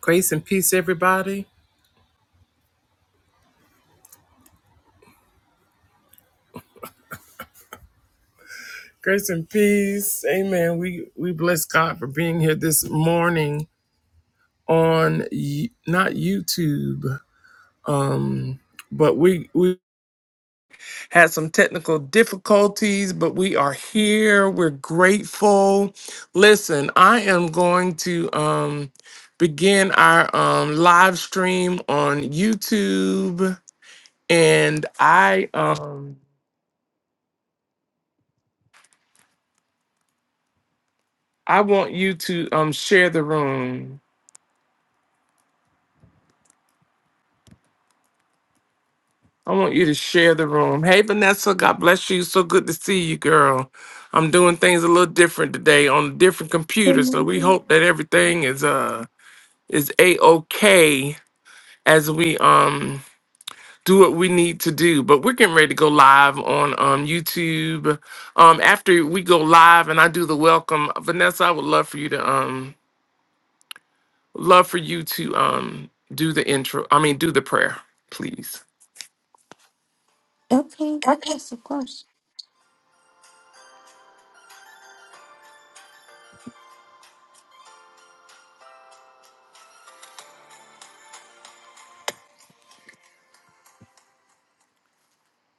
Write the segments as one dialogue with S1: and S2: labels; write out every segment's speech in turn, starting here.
S1: Grace and peace, everybody. Grace and peace. Amen. We we bless God for being here this morning on Y- not YouTube, um, but we we had some technical difficulties, but we are here. We're grateful. Listen, I am going to um, begin our um, live stream on YouTube, and I um, I want you to um, share the room. I want you to share the room. Hey, Vanessa, God bless you. So good to see you, girl. I'm doing things a little different today on a different
S2: Good
S1: computer, so we
S2: morning.
S1: hope that everything is uh is a okay as we um do what we need to do. But we're getting ready to go live on um YouTube. Um, after we go live and I do the welcome, Vanessa, I would love for you to um love for you to um do the intro. I mean, do the prayer, please.
S2: Okay, yes, of course.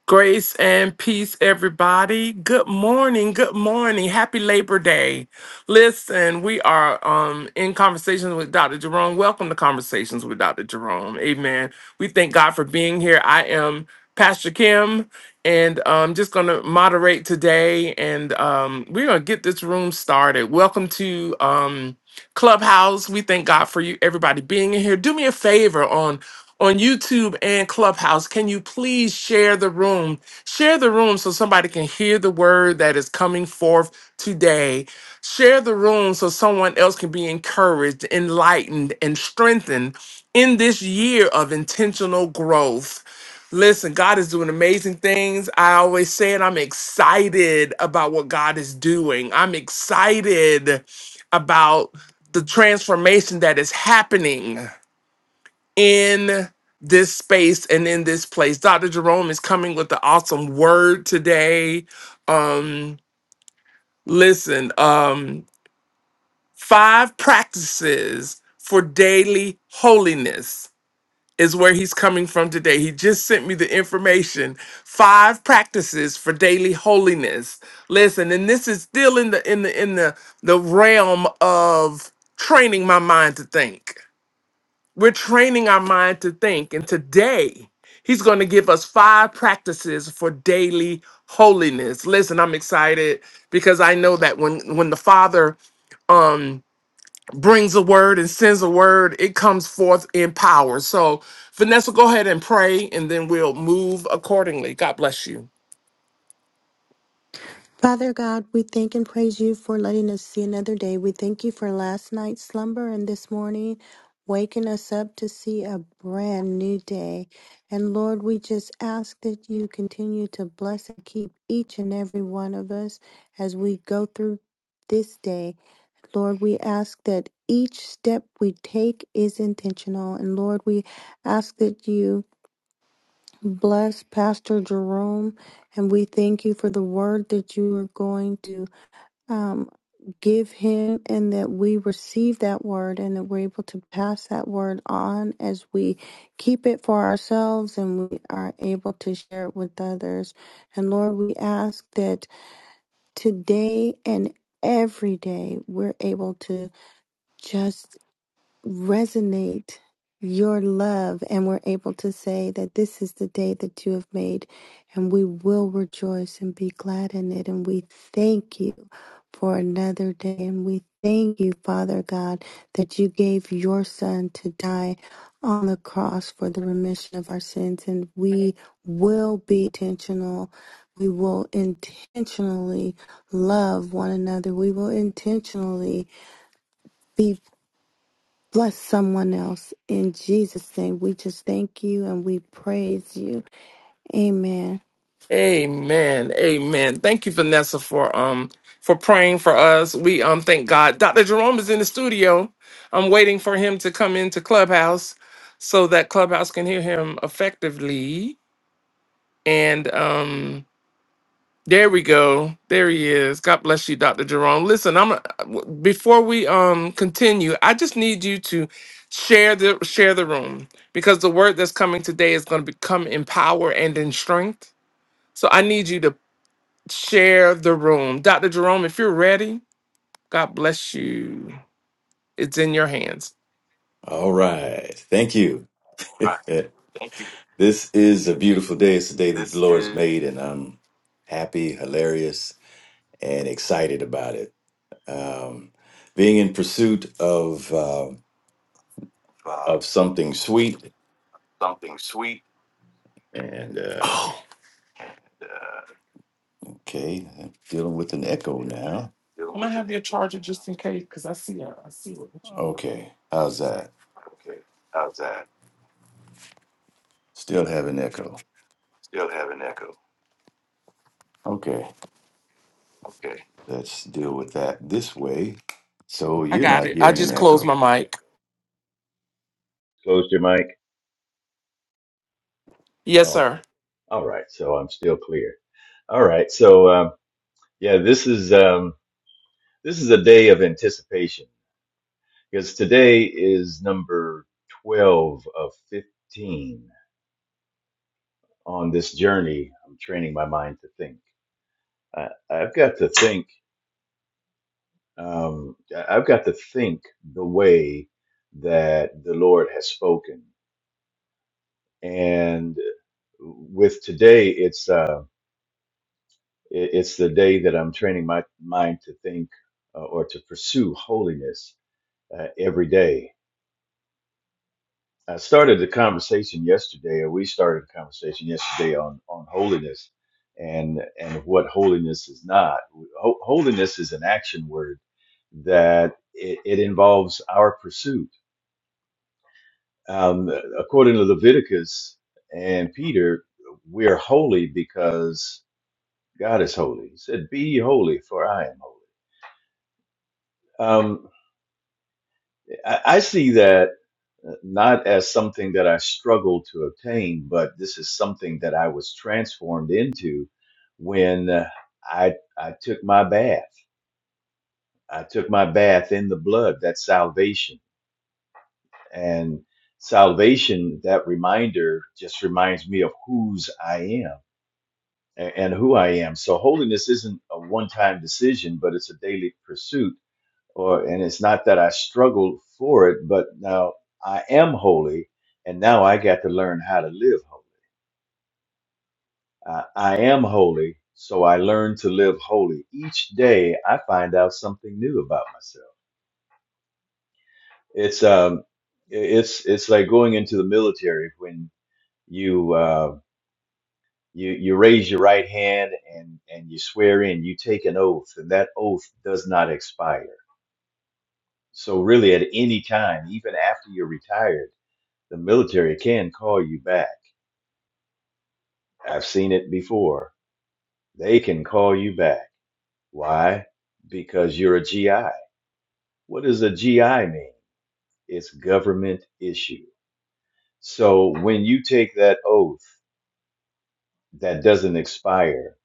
S1: Grace and peace, everybody. Good morning. Good morning. Happy Labor Day. Listen, we are um, in conversations with Dr. Jerome. Welcome to Conversations with Dr. Jerome. Amen. We thank God for being here. I am Pastor Kim, and I'm just going to moderate today, and um, we're going to get this room started. Welcome to. Um, Clubhouse. We thank God for you, everybody being in here. Do me a favor on on YouTube and Clubhouse. Can you please share the room? Share the room so somebody can hear the word that is coming forth today. Share the room so someone else can be encouraged, enlightened, and strengthened in this year of intentional growth. Listen, God is doing amazing things. I always say it. I'm excited about what God is doing. I'm excited about the transformation that is happening in this space and in this place. Dr. Jerome is coming with the awesome word today. Um, listen, um, five practices for daily holiness is where he's coming from today. He just sent me the information. Five practices for daily holiness. Listen, and this is still in the in the in the the realm of training my mind to think. We're training our mind to think. And today, he's going to give us five practices for daily holiness. Listen, I'm excited because I know that when when the Father um brings a word and sends a word, it comes forth in power. So, Vanessa, go ahead and pray and then we'll move accordingly. God bless you.
S2: Father God, we thank and praise you for letting us see another day. We thank you for last night's slumber and this morning waking us up to see a brand new day. And Lord, we just ask that you continue to bless and keep each and every one of us as we go through this day. Lord, we ask that each step we take is intentional. And Lord, we ask that you Bless Pastor Jerome, and we thank you for the word that you are going to um, give him, and that we receive that word, and that we're able to pass that word on as we keep it for ourselves and we are able to share it with others. And Lord, we ask that today and every day we're able to. just resonate your love and we're able to say that this is the day that you have made and we will rejoice and be glad in it and we thank you for another day and we thank you father god that you gave your son to die on the cross for the remission of our sins and we will be intentional we will intentionally love one another we will intentionally be bless someone else. In Jesus' name, we just thank you and we praise you. Amen.
S1: Amen. Amen. Thank you, Vanessa, for um for praying for us. We um thank God. Dr. Jerome is in the studio. I'm waiting for him to come into Clubhouse so that Clubhouse can hear him effectively. And um there we go. There he is. God bless you, Dr. Jerome. Listen, I'm before we um continue, I just need you to share the share the room because the word that's coming today is going to become empower and in strength. So I need you to Share the room. Dr. Jerome, if you're ready, God bless you. It's in your hands.
S3: All right. Thank you. this is a beautiful day. It's the day that the Lord's made, and I'm happy, hilarious, and excited about it. Um, being in pursuit of uh, of something sweet, and uh,
S1: Oh,
S3: okay, I'm dealing with an echo now.
S1: I'm gonna have your charger just in case, because I see I, I see what you.
S3: Okay, how's that? Still have an echo. Okay, let's deal with that this way. So
S1: I
S3: you're
S1: got
S3: not
S1: it. I
S3: hearing an
S1: just closed
S3: echo.
S1: my mic.
S3: Closed your mic?
S1: Yes, sir.
S3: Okay. All right. So I'm still clear. All right. So um, yeah, this is um, this is a day of anticipation because today is number twelve of fifteen on this journey. I'm training my mind to think. I, I've got to think. Um, I- I've got to think the way that the Lord has spoken, and with today, it's uh, it- it's the day that I'm training my mind to think uh, or to pursue holiness uh, every day I started the conversation yesterday, or we started a conversation yesterday on on holiness and and what holiness is not. Ho- holiness is an action word that it, it involves our pursuit. Um, according to Leviticus and Peter, we're holy because God is holy. He said, "Be ye holy, for I am holy." Um, I, I see that uh, not as something that I struggled to obtain, but this is something that I was transformed into when uh, I I took my bath. I took my bath in the blood. That's salvation, and salvation. That reminder just reminds me of whose I am a- and who I am. So holiness isn't a one-time decision, but it's a daily pursuit or and it's not that I struggled for it, but now I am holy, and now I got to learn how to live holy. I, I am holy, so I learn to live holy. Each day, I find out something new about myself. It's um, it's it's like going into the military when you uh, you you raise your right hand and and you swear in, you take an oath, and that oath does not expire. So really, at any time, even after you're retired The military can call you back. I've seen it before. They can call you back. Why? Because you're a GI. What does a GI mean? It's government issue. So when you take that oath that doesn't expire,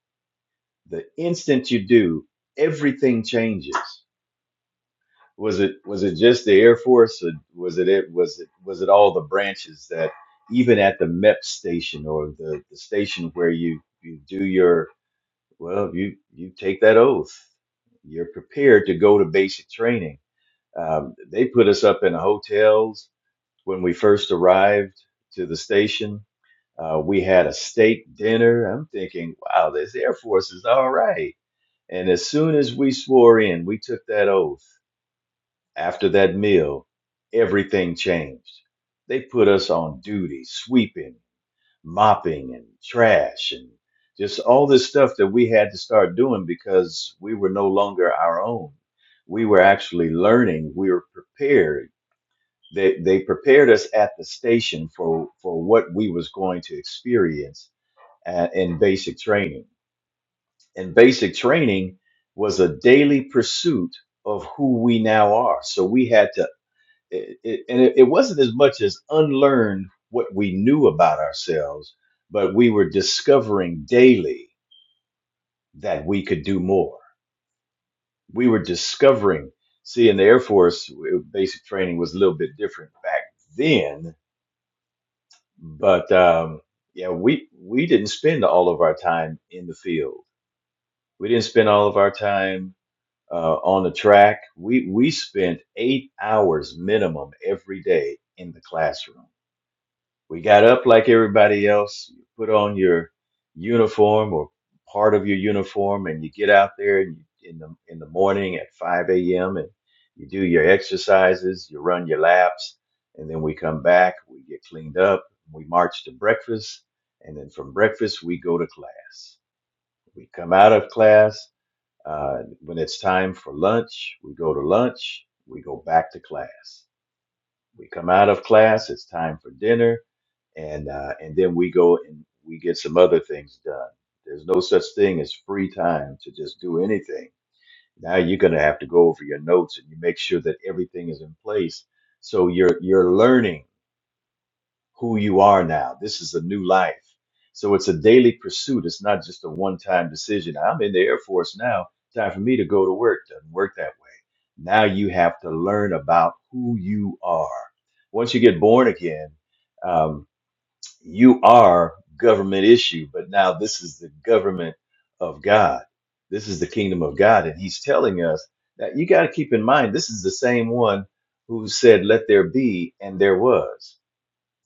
S3: the instant you do, everything changes. Was it was it just the Air Force or was it it was it was it all the branches that even at the MEP station or the, the station where you, you do your Well, you you take that oath. You're prepared to go to basic training. Um, they put us up in the hotels when we first arrived to the station. Uh, we had a steak dinner. I'm thinking, wow, this Air Force is all right. And as soon as we swore in, we took that oath. After that meal, everything changed. They put us on duty, sweeping, mopping and trash and just all this stuff that we had to start doing because we were no longer our own. We were actually learning. We were prepared. They, they prepared us at the station for, for what we was going to experience uh, in basic training. And basic training was a daily pursuit of who we now are. So we had to it, it, and it, it wasn't as much as unlearn what we knew about ourselves, but we were discovering daily that we could do more. We were discovering, see, in the Air Force, w- basic training was a little bit different back then, but um, yeah, we we didn't spend all of our time in the field. We didn't spend all of our time uh, on the track. We we spent eight hours minimum every day in the classroom We got up like everybody else, you put on your uniform or part of your uniform, and you get out there and you, in the in the morning at 5 a.m. and you do your exercises, you run your laps, and then we come back, we get cleaned up, we march to breakfast, and then from breakfast we go to class. We come out of class. Uh, when it's time for lunch, we go to lunch. We go back to class. We come out of class. It's time for dinner and uh, and then we go and we get some other things done. There's no such thing as free time to just do anything. Now you're going to have to go over your notes and you make sure that everything is in place. So you're you're learning who you are now. This is a new life. So it's a daily pursuit. It's not just a one-time decision. I'm in the Air Force now. Time for me to go to work. Doesn't work that way. Now you have to learn about who you are. Once you get born again. um, you are government issue, but now this is the government of God. This is the kingdom of God. And he's telling us that you got to keep in mind, this is the same one who said, Let there be, and there was.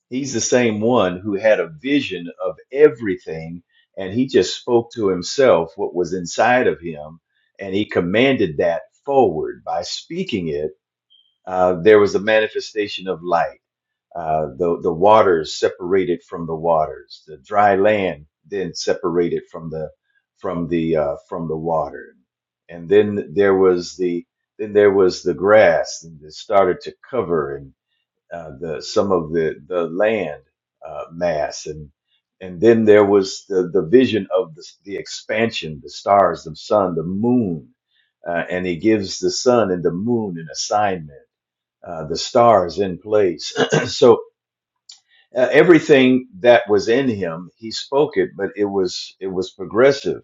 S3: He's the same one who had a vision of everything, and he just spoke to himself what was inside of him, and he commanded that forward by speaking it. Uh, there was a manifestation of light uh, the the waters separated from the waters, the dry land then separated from the from the uh, from the water, and then there was the then there was the grass and it started to cover and uh, the some of the the land uh, mass and and then there was the the vision of the, the expansion, the stars, the sun, the moon, uh, and he gives the sun and the moon an assignment, uh, the stars in place. so uh, everything that was in him, he spoke it, but it was it was progressive.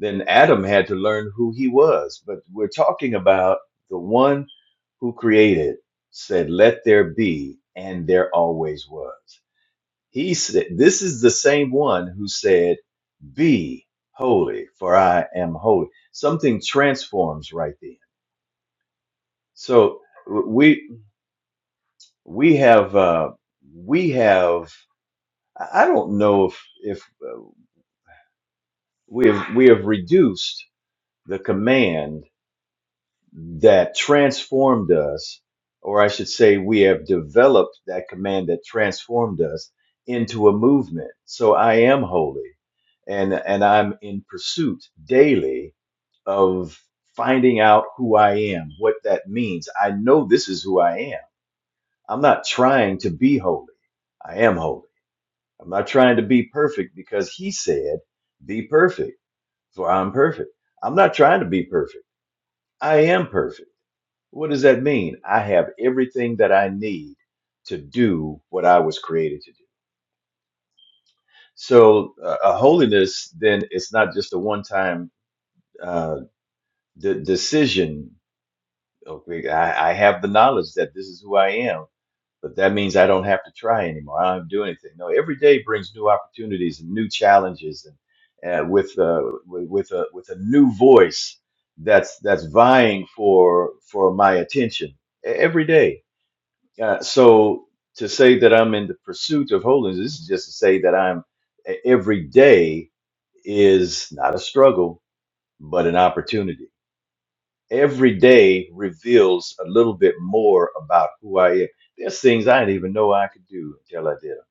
S3: Then Adam had to learn who he was. But we're talking about the one who created said, "Let there be," and there always was. He said, "This is the same one who said, 'Be holy, for I am holy." Something transforms right then. So w- we we have uh, we have I I don't know if if uh, we have we have reduced the command that transformed us or i should say we have developed that command that transformed us into a movement so i am holy and and i'm in pursuit daily of finding out who i am what that means i know this is who i am i'm not trying to be holy i am holy i'm not trying to be perfect because he said be perfect for I'm perfect. I'm not trying to be perfect. I am perfect. What does that mean? I have everything that I need to do what I was created to do. So, uh, a holiness then it's not just a one-time uh, de- decision. Okay, I, I have the knowledge that this is who I am but that means I don't have to try anymore. I don't have to do anything. No, every day brings new opportunities and new challenges, and uh, with uh, with with a with a new voice that's that's vying for for my attention e- every day. Uh, so to say that I'm in the pursuit of holiness this is just to say that I'm e- every day is not a struggle but an opportunity every day reveals a little bit more about who I am. There's things I didn't even know I could do until I did them.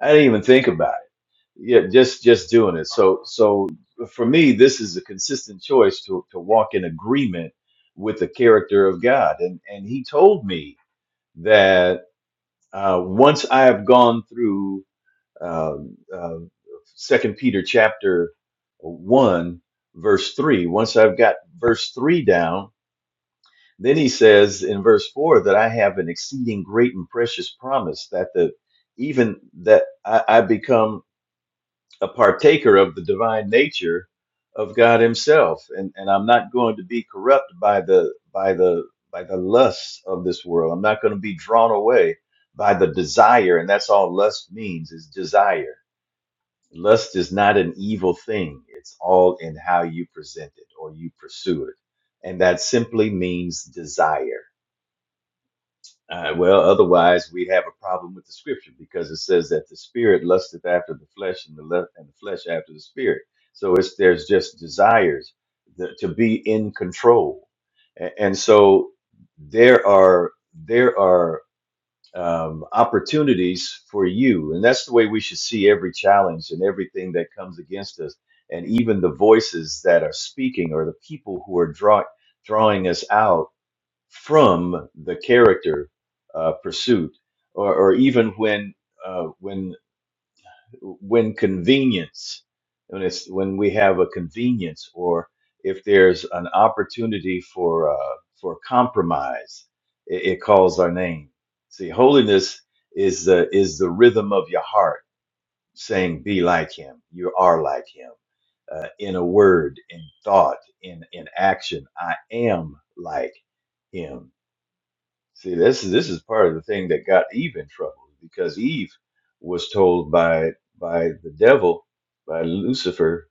S3: I didn't even think about it. Yeah, just just doing it. So so for me, this is a consistent choice to to walk in agreement with the character of God. And and He told me that uh, once I have gone through um, uh, Second Peter chapter one verse three, once I've got verse three down Then he says in verse 4 that I have an exceeding great and precious promise that the even that I, I become a partaker of the divine nature of God himself and and I'm not going to be corrupt by the by the by the lusts of this world. I'm not going to be drawn away by the desire and that's all lust means is desire. Lust is not an evil thing. It's all in how you present it or you pursue it. And that simply means desire uh, well, otherwise we have a problem with the scripture because it says that the spirit lusteth after the flesh, and the le- and the flesh after the spirit. So it's there's just desires that, to be in control, A- and so there are there are um, opportunities for you, and that's the way we should see every challenge and everything that comes against us, and even the voices that are speaking or the people who are drawing drawing us out from the character uh, pursuit, or, or even when uh, when when convenience, when it's when we have a convenience, or if there's an opportunity for uh, for compromise, it, it calls our name. See, holiness is the is the rhythm of your heart saying, "Be like Him. You are like Him." Uh, in a word, in thought, in in action, I am like Him See, this is this is part of the thing that got Eve in trouble because Eve was told by by the devil, by Lucifer,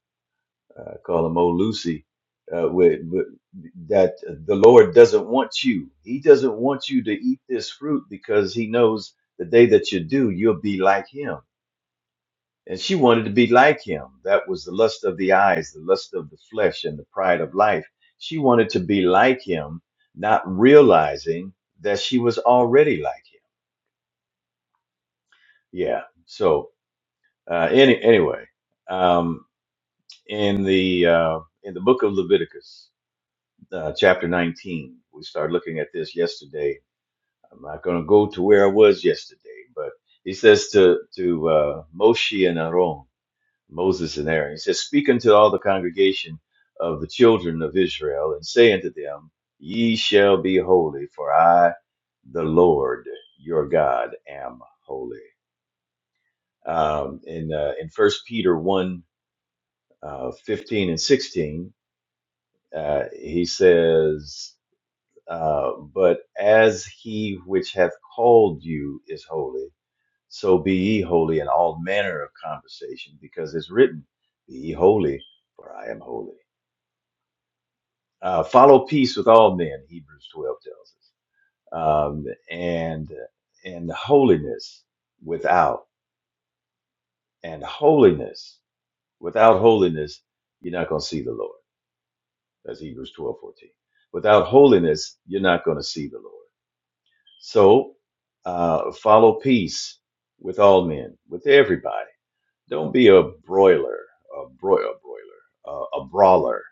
S3: uh, call him old Lucy, uh, with, with, that the Lord doesn't want you. He doesn't want you to eat this fruit because he knows the day that you do, you'll be like him. And she wanted to be like him. That was the lust of the eyes, the lust of the flesh, and the pride of life. She wanted to be like him, not realizing that she was already like him yeah. So uh, any anyway, um, in the uh, in the book of Leviticus, uh, chapter nineteen, we started looking at this yesterday. I'm not going to go to where I was yesterday, but he says to to uh, Moshe and Aaron, Moses and Aaron, he says, "Speak unto all the congregation of the children of Israel, and say unto them, Ye shall be holy, for I, the Lord your God, am holy." um, in uh, in First Peter one. uh, 15 and 16, uh, he says, uh, But as he which hath called you is holy, so be ye holy in all manner of conversation, because it's written, Be ye holy, for I am holy. Uh, follow peace with all men, Hebrews 12 tells us, um, and, and holiness without, and holiness without holiness, you're not going to see the Lord That's Hebrews 12 14. Without holiness, you're not going to see the Lord. So uh, follow peace with all men, with everybody. Don't be a broiler, a broiler, broiler, uh, a brawler.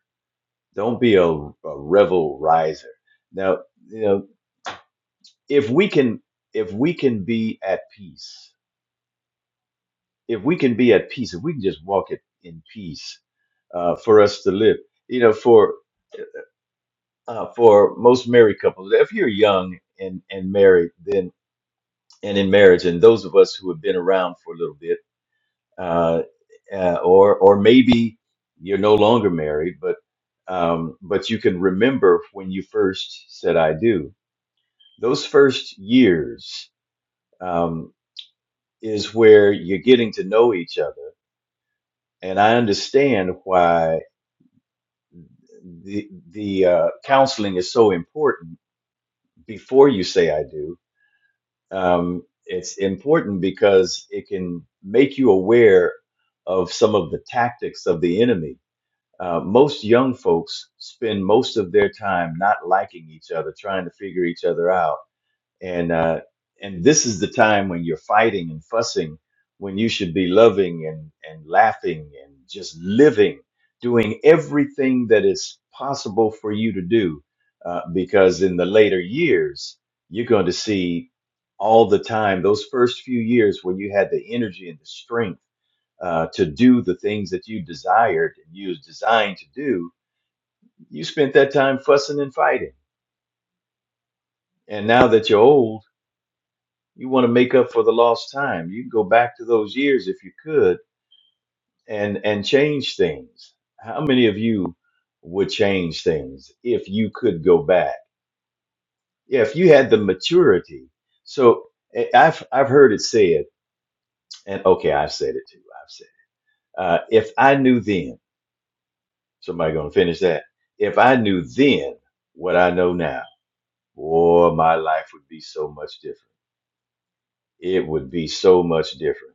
S3: Don't be a, a revel riser. Now, you know, if we can, if we can be at peace, if we can be at peace, if we can just walk it in peace, uh, for us to live. You know, for uh, for most married couples. If you're young and and married, then and in marriage, and those of us who have been around for a little bit, uh, uh, or or maybe you're no longer married, but um, but you can remember when you first said "I do." Those first years um, is where you're getting to know each other, and I understand why the the uh, counseling is so important before you say "I do," Um, it's important because it can make you aware of some of the tactics of the enemy. Uh, most young folks spend most of their time not liking each other, trying to figure each other out and uh, and this is the time when you're fighting and fussing when you should be loving and and laughing and just living doing everything that is possible for you to do uh, because in the later years you're going to see all the time those first few years when you had the energy and the strength uh, to do the things that you desired and you was designed to do you spent that time fussing and fighting and now that you're old you want to make up for the lost time you can go back to those years if you could and and change things how many of you would change things if you could go back yeah if you had the maturity so eh, i've i've heard it said and okay i have said it too i've said it. uh, if i knew then somebody gonna finish that if i knew then what i know now boy my life would be so much different it would be so much different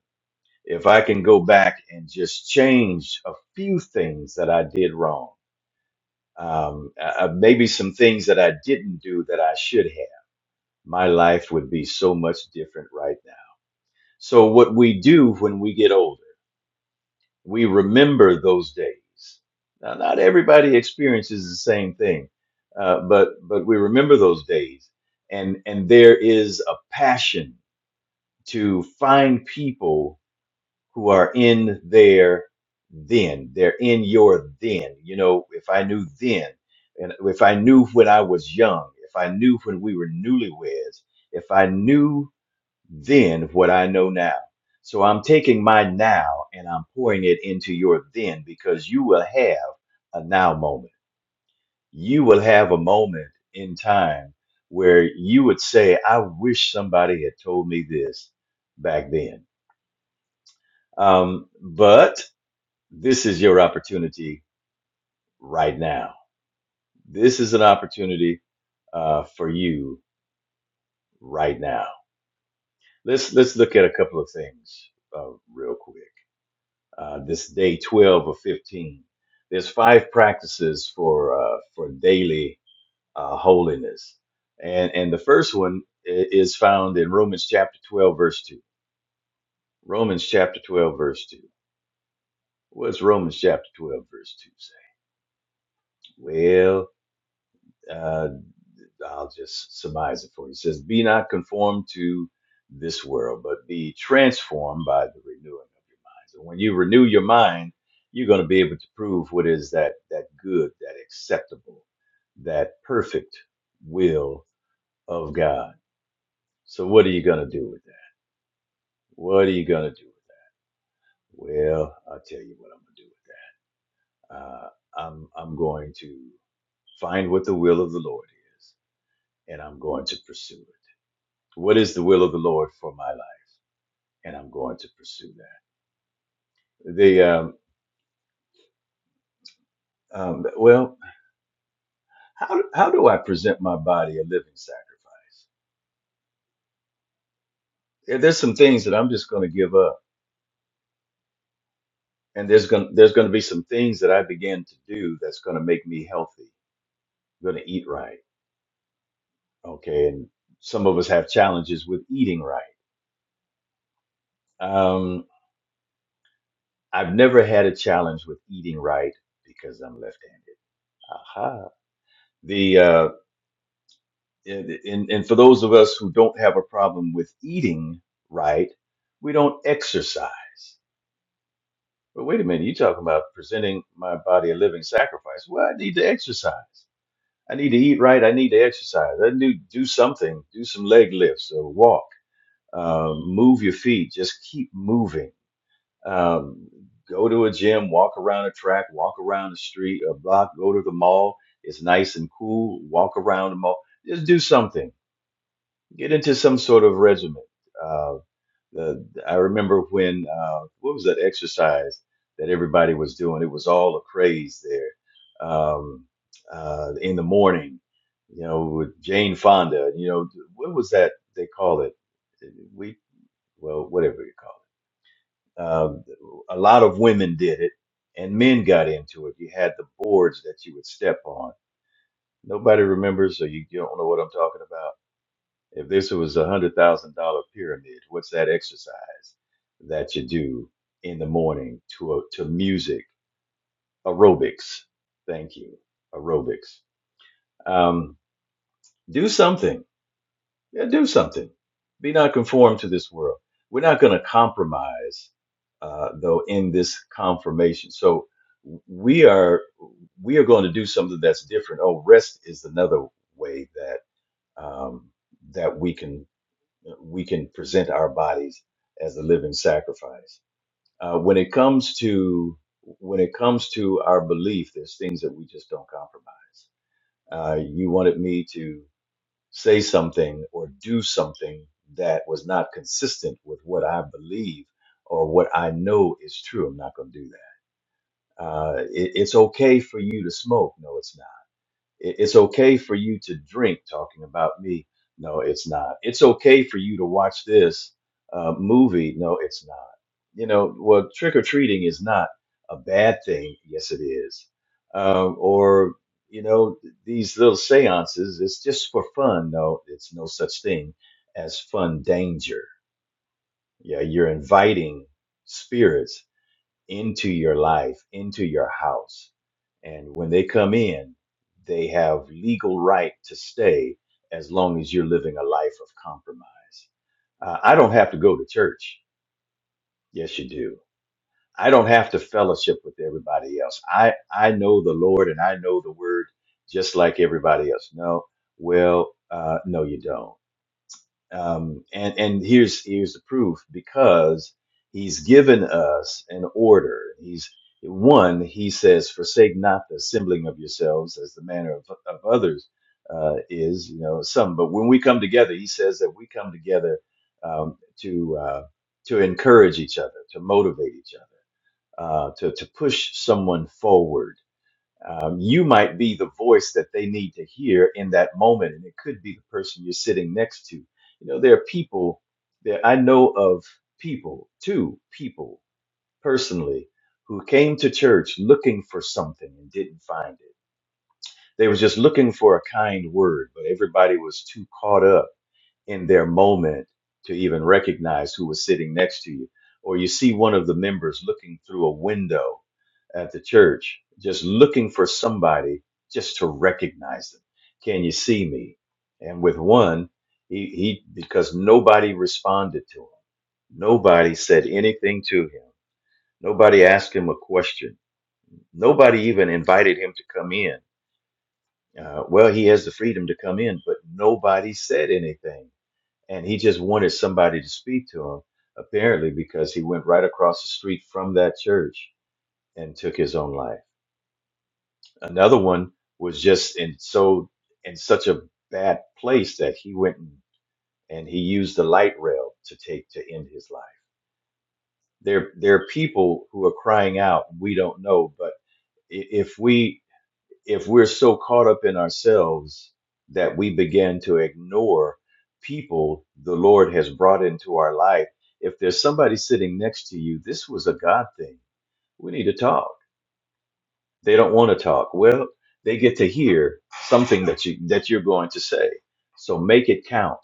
S3: if I can go back and just change a few things that I did wrong, um, uh, uh, maybe some things that I didn't do that I should have, my life would be so much different right now. So, what we do when we get older, we remember those days. Now, not everybody experiences the same thing, uh, but but we remember those days, and and there is a passion to find people who are in their then. They're in your then. You know, if I knew then, and if I knew when I was young, if I knew when we were newlyweds, if I knew then what I know now. So I'm taking my now and I'm pouring it into your then because you will have a now moment. You will have a moment in time where you would say, I wish somebody had told me this back then. Um, but this is your opportunity right now. This is an opportunity uh, for you right now. Let's let's look at a couple of things uh, real quick. Uh, this day twelve or fifteen. There's five practices for uh, for daily uh, holiness, and and the first one i- is found in Romans chapter twelve verse two. Romans chapter twelve verse two. What's Romans chapter twelve verse two say? Well. uh, I'll just surmise it for you. It says, Be not conformed to this world, but be transformed by the renewing of your minds. And when you renew your mind, you're going to be able to prove what is that that good, that acceptable, that perfect will of God. So what are you going to do with that? What are you going to do with that? Well, I'll tell you what I'm going to do with that. Uh, I'm I'm going to find what the will of the Lord is, and I'm going to pursue it. What is the will of the Lord for my life? and I'm going to pursue that. The um, um, well, how how do I present my body a living sacrifice? There- There's some things that I'm just going to give up, and there's going there's going to be some things that I begin to do that's going to make me healthy. I'm going to eat right, okay? And some of us have challenges with eating right. Um, I've never had a challenge with eating right because I'm left-handed. Aha. The uh, and, and, and for those of us who don't have a problem with eating right, we don't exercise. But wait a minute, you are talking about presenting my body a living sacrifice. Well, I need to exercise. I need to eat right. I need to exercise. I need to do something, do some leg lifts or walk, um, move your feet, just keep moving. Um, go to a gym, walk around a track, walk around the street, a block, go to the mall. It's nice and cool. Walk around the mall. Just do something get into some sort of regimen. Uh, the, I remember when uh, what was that exercise that everybody was doing? It was all a craze there. Um, uh, in the morning, you know, with Jane Fonda. You know, what was that they call it? We well, whatever you call it. Um, a lot of women did it, and men got into it. You had the boards that you would step on. Nobody remembers, so you don't know what I'm talking about if this was a hundred thousand dollar pyramid, what's that exercise that you do in the morning to a, to music aerobics? Thank you, aerobics. Um, do something. Yeah, do something. Be not conformed to this world. We're not going to compromise, uh, though, in this confirmation. So we are we are going to do something that's different. Oh, rest is another way that um, that we can we can present our bodies as a living sacrifice. Uh, when it comes to when it comes to our belief, there's things that we just don't compromise. Uh, you wanted me to say something or do something that was not consistent with what I believe or what I know is true. I'm not going to do that. Uh, it- it's okay for you to smoke. No, it's not it- it's okay for you to drink talking about me no it's not it's okay for you to watch this uh, movie no it's not you know well trick-or-treating is not a bad thing yes it is um, or you know these little seances it's just for fun no it's no such thing as fun danger yeah you're inviting spirits into your life, into your house. And when they come in, they have legal right to stay as long as you're living a life of compromise. Uh, I don't have to go to church. Yes, you do. I don't have to fellowship with everybody else. I, I know the Lord and I know the word just like everybody else. No, well, uh, no, you don't um, and and here's here's the proof because he's given us an order. He's one. He says, "Forsake not the assembling of yourselves, as the manner of, of others uh, is." You know, some. But when we come together, he says that we come together um, to uh, to encourage each other, to motivate each other, uh, to to push someone forward um, you might be the voice that they need to hear in that moment and it could be the person you're sitting next to you know there are people that i know of people two people personally who came to church looking for something and didn't find it they were just looking for a kind word but everybody was too caught up in their moment to even recognize who was sitting next to you. Or you see one of the members looking through a window at the church, just looking for somebody just to recognize them. Can you see me? And with one, he, he because nobody responded to him. Nobody said anything to him. Nobody asked him a question. Nobody even invited him to come in. Uh, well, he has the freedom to come in, but nobody said anything and he just wanted somebody to speak to him apparently because he went right across the street from that church and took his own life another one was just in so in such a bad place that he went and, and he used the light rail to take to end his life there there are people who are crying out we don't know but i- if we if we're so caught up in ourselves that we begin to ignore people the Lord has brought into our life, if there's somebody sitting next to you, this was a God thing. We need to talk. They don't want to talk. Well, they get to hear something that you that you're going to say. So make it count.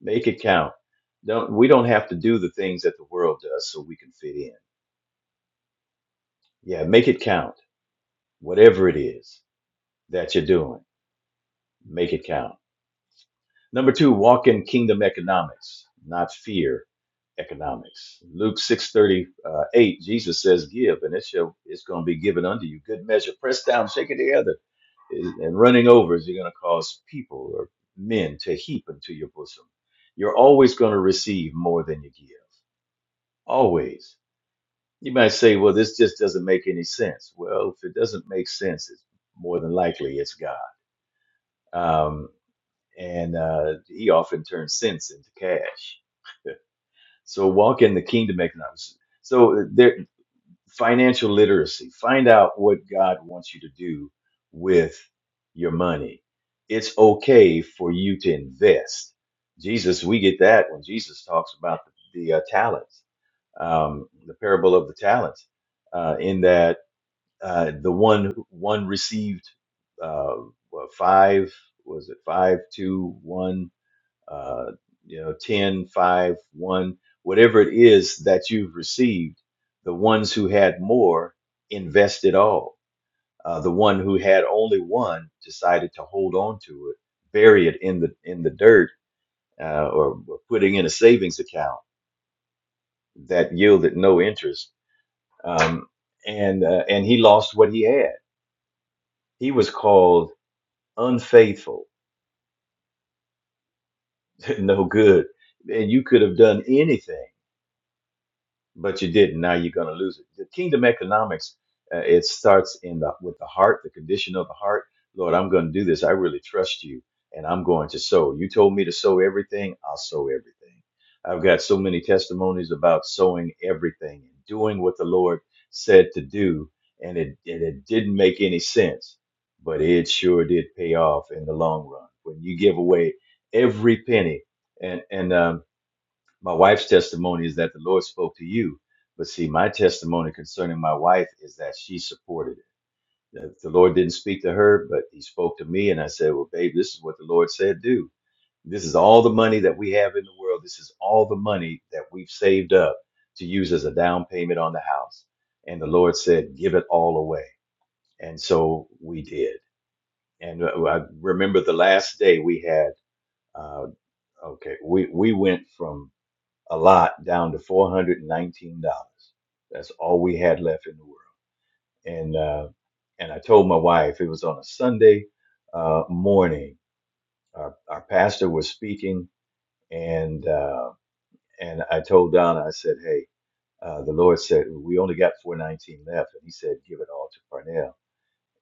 S3: Make it count. Don't we don't have to do the things that the world does so we can fit in. Yeah, make it count. Whatever it is that you're doing, make it count. Number two, walk in kingdom economics, not fear economics. Luke six thirty eight, Jesus says, "Give, and it shall it's going to be given unto you. Good measure, pressed down, shaken together, is- and running over, is you're going to cause people or men to heap into your bosom. You're always going to receive more than you give. Always. You might say, "Well, this just doesn't make any sense." Well, if it doesn't make sense, it's more than likely it's God, um, and uh, He often turns sense into cash So walk in the kingdom economics. So there, financial literacy. Find out what God wants you to do with your money. It's okay for you to invest. Jesus, we get that when Jesus talks about the, the uh, talents, um, the parable of the talents, uh, in that uh, the one one received uh, what, five was it five two one uh, you know, 10, 5, 1, whatever it is that you've received, the ones who had more invested all. Uh, the one who had only one decided to hold on to it, bury it in the in the dirt, uh, or putting in a savings account that yielded no interest. Um, and uh, and he lost what he had. He was called unfaithful, no good. And you could have done anything but you didn't. Now you're going to lose it. The kingdom economics, uh, it starts in the with the heart, the condition of the heart. Lord, I'm going to do this. I really trust you, and I'm going to sow. You told me to sow everything. I'll sow everything. I've got so many testimonies about sowing everything and doing what the Lord said to do, and it and it didn't make any sense, but it sure did pay off in the long run when you give away every penny. And and um, my wife's testimony is that the Lord spoke to you. But see, my testimony concerning my wife is that she supported it. The the Lord didn't speak to her, but He spoke to me. And I said, Well, babe, this is what the Lord said, do. This is all the money that we have in the world. This is all the money that we've saved up to use as a down payment on the house. And the Lord said, Give it all away. And so we did. And uh, I remember the last day we had, uh, okay, we, we went from a lot down to four hundred and nineteen dollars. That's all we had left in the world. And uh, and I told my wife it was on a Sunday uh, morning. Our, our pastor was speaking, and uh, and I told Donna, I said, "Hey, uh, the Lord said we only got four nineteen left," and He said, "Give it all to Parnell."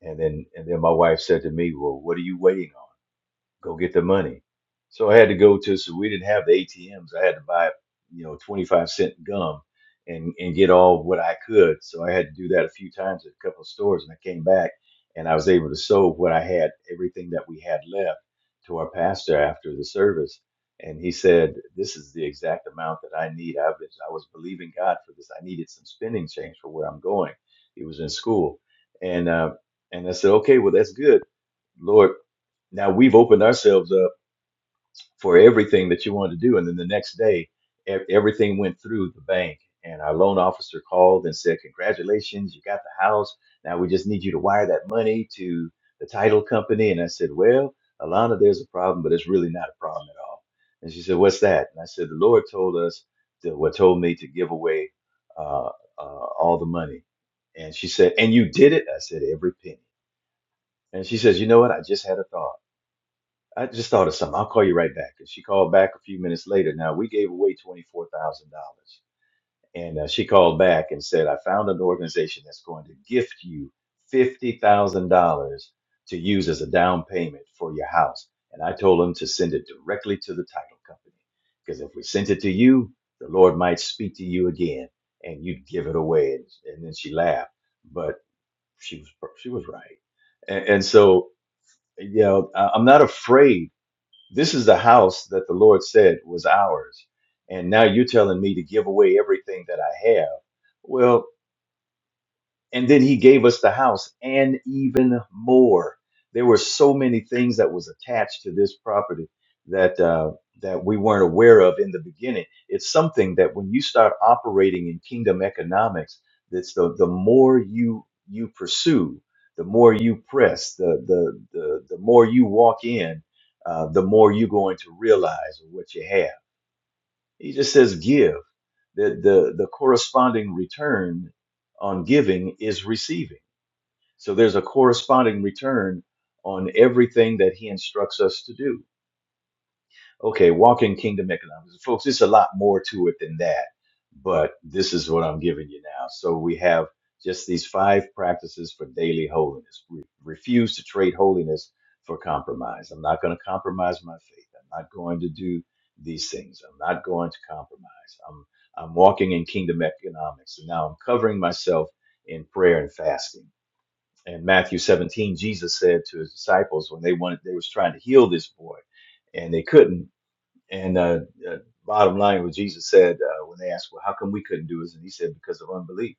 S3: And then and then my wife said to me, "Well, what are you waiting on?" go get the money. So I had to go to, so we didn't have the ATMs. I had to buy, you know, 25 cent gum and, and get all what I could. So I had to do that a few times at a couple of stores and I came back and I was able to sow what I had, everything that we had left to our pastor after the service. And he said, this is the exact amount that I need. I've been, I was believing God for this. I needed some spending change for where I'm going. He was in school. And, uh, and I said, okay, well, that's good. Lord, now we've opened ourselves up for everything that you wanted to do. And then the next day, e- everything went through the bank. And our loan officer called and said, Congratulations, you got the house. Now we just need you to wire that money to the title company. And I said, Well, Alana, there's a problem, but it's really not a problem at all. And she said, What's that? And I said, The Lord told us, to, what told me to give away uh, uh, all the money. And she said, And you did it? I said, Every penny. And she says, You know what? I just had a thought. I just thought of something. I'll call you right back. And she called back a few minutes later. Now we gave away twenty four thousand dollars, and uh, she called back and said, "I found an organization that's going to gift you fifty thousand dollars to use as a down payment for your house." And I told them to send it directly to the title company because if we sent it to you, the Lord might speak to you again, and you'd give it away. And, and then she laughed, but she was she was right, and, and so you know I, I'm not afraid this is the house that the Lord said was ours. And now you're telling me to give away everything that I have. Well, and then he gave us the house and even more there were so many things that was attached to this property that uh, that we weren't aware of in the beginning it's something that when you start operating in kingdom economics that's the the more you you pursue the more you press the the the, the more you walk in uh, the more you're going to realize what you have he just says give the the the corresponding return on giving is receiving so there's a corresponding return on everything that he instructs us to do. Okay, walk in kingdom economics. Folks, it's a lot more to it than that, but this is what I'm giving you now. So we have just these five practices for daily holiness. We refuse to trade holiness for compromise. I'm not going to compromise my faith. I'm not going to do these things. I'm not going to compromise. I'm I'm walking in kingdom economics. And now I'm covering myself in prayer and fasting in Matthew 17, Jesus said to his disciples when they wanted, they was trying to heal this boy, and they couldn't. And uh, uh, bottom line, what Jesus said uh, when they asked, "Well, how come we couldn't do this?" and he said, "Because of unbelief."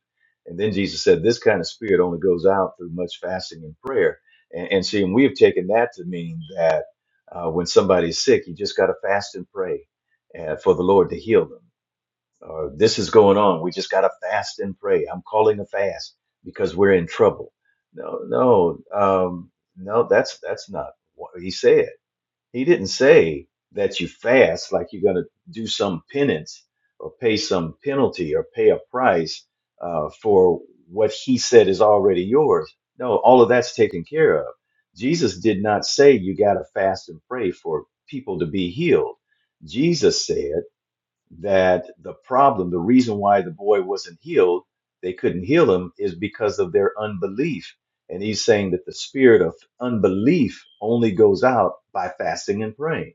S3: And then Jesus said, "This kind of spirit only goes out through much fasting and prayer." And, and see, and we have taken that to mean that uh, when somebody's sick, you just got to fast and pray uh, for the Lord to heal them or this is going on. We just got to fast and pray. I'm calling a fast because we're in trouble. No, no, um, no. That's that's not what he said. He didn't say that you fast like you're going to do some penance or pay some penalty or pay a price uh, for what he said is already yours. No, all of that's taken care of. Jesus did not say you got to fast and pray for people to be healed. Jesus said that the problem, the reason why the boy wasn't healed, they couldn't heal him, is because of their unbelief. And he's saying that the spirit of unbelief only goes out by fasting and praying.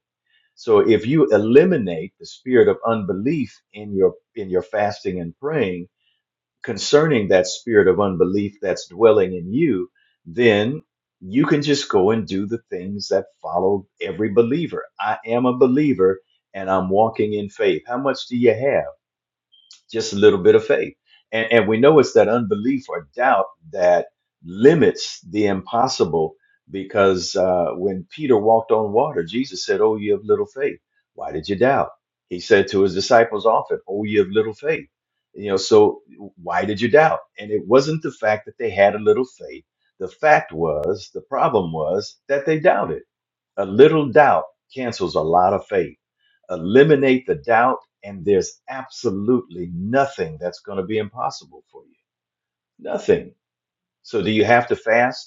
S3: So if you eliminate the spirit of unbelief in your in your fasting and praying, concerning that spirit of unbelief that's dwelling in you, then you can just go and do the things that follow every believer. I am a believer and I'm walking in faith. How much do you have? just a little bit of faith. And, and we know it's that unbelief or doubt that limits the impossible because uh, when Peter walked on water, Jesus said, Oh, you have little faith. Why did you doubt? He said to his disciples often, Oh, you have little faith. You know, so why did you doubt? And it wasn't the fact that they had a little faith. The fact was, the problem was that they doubted a little doubt cancels a lot of faith. Eliminate the doubt, and there's absolutely nothing that's going to be impossible for you. Nothing. So, do you have to fast?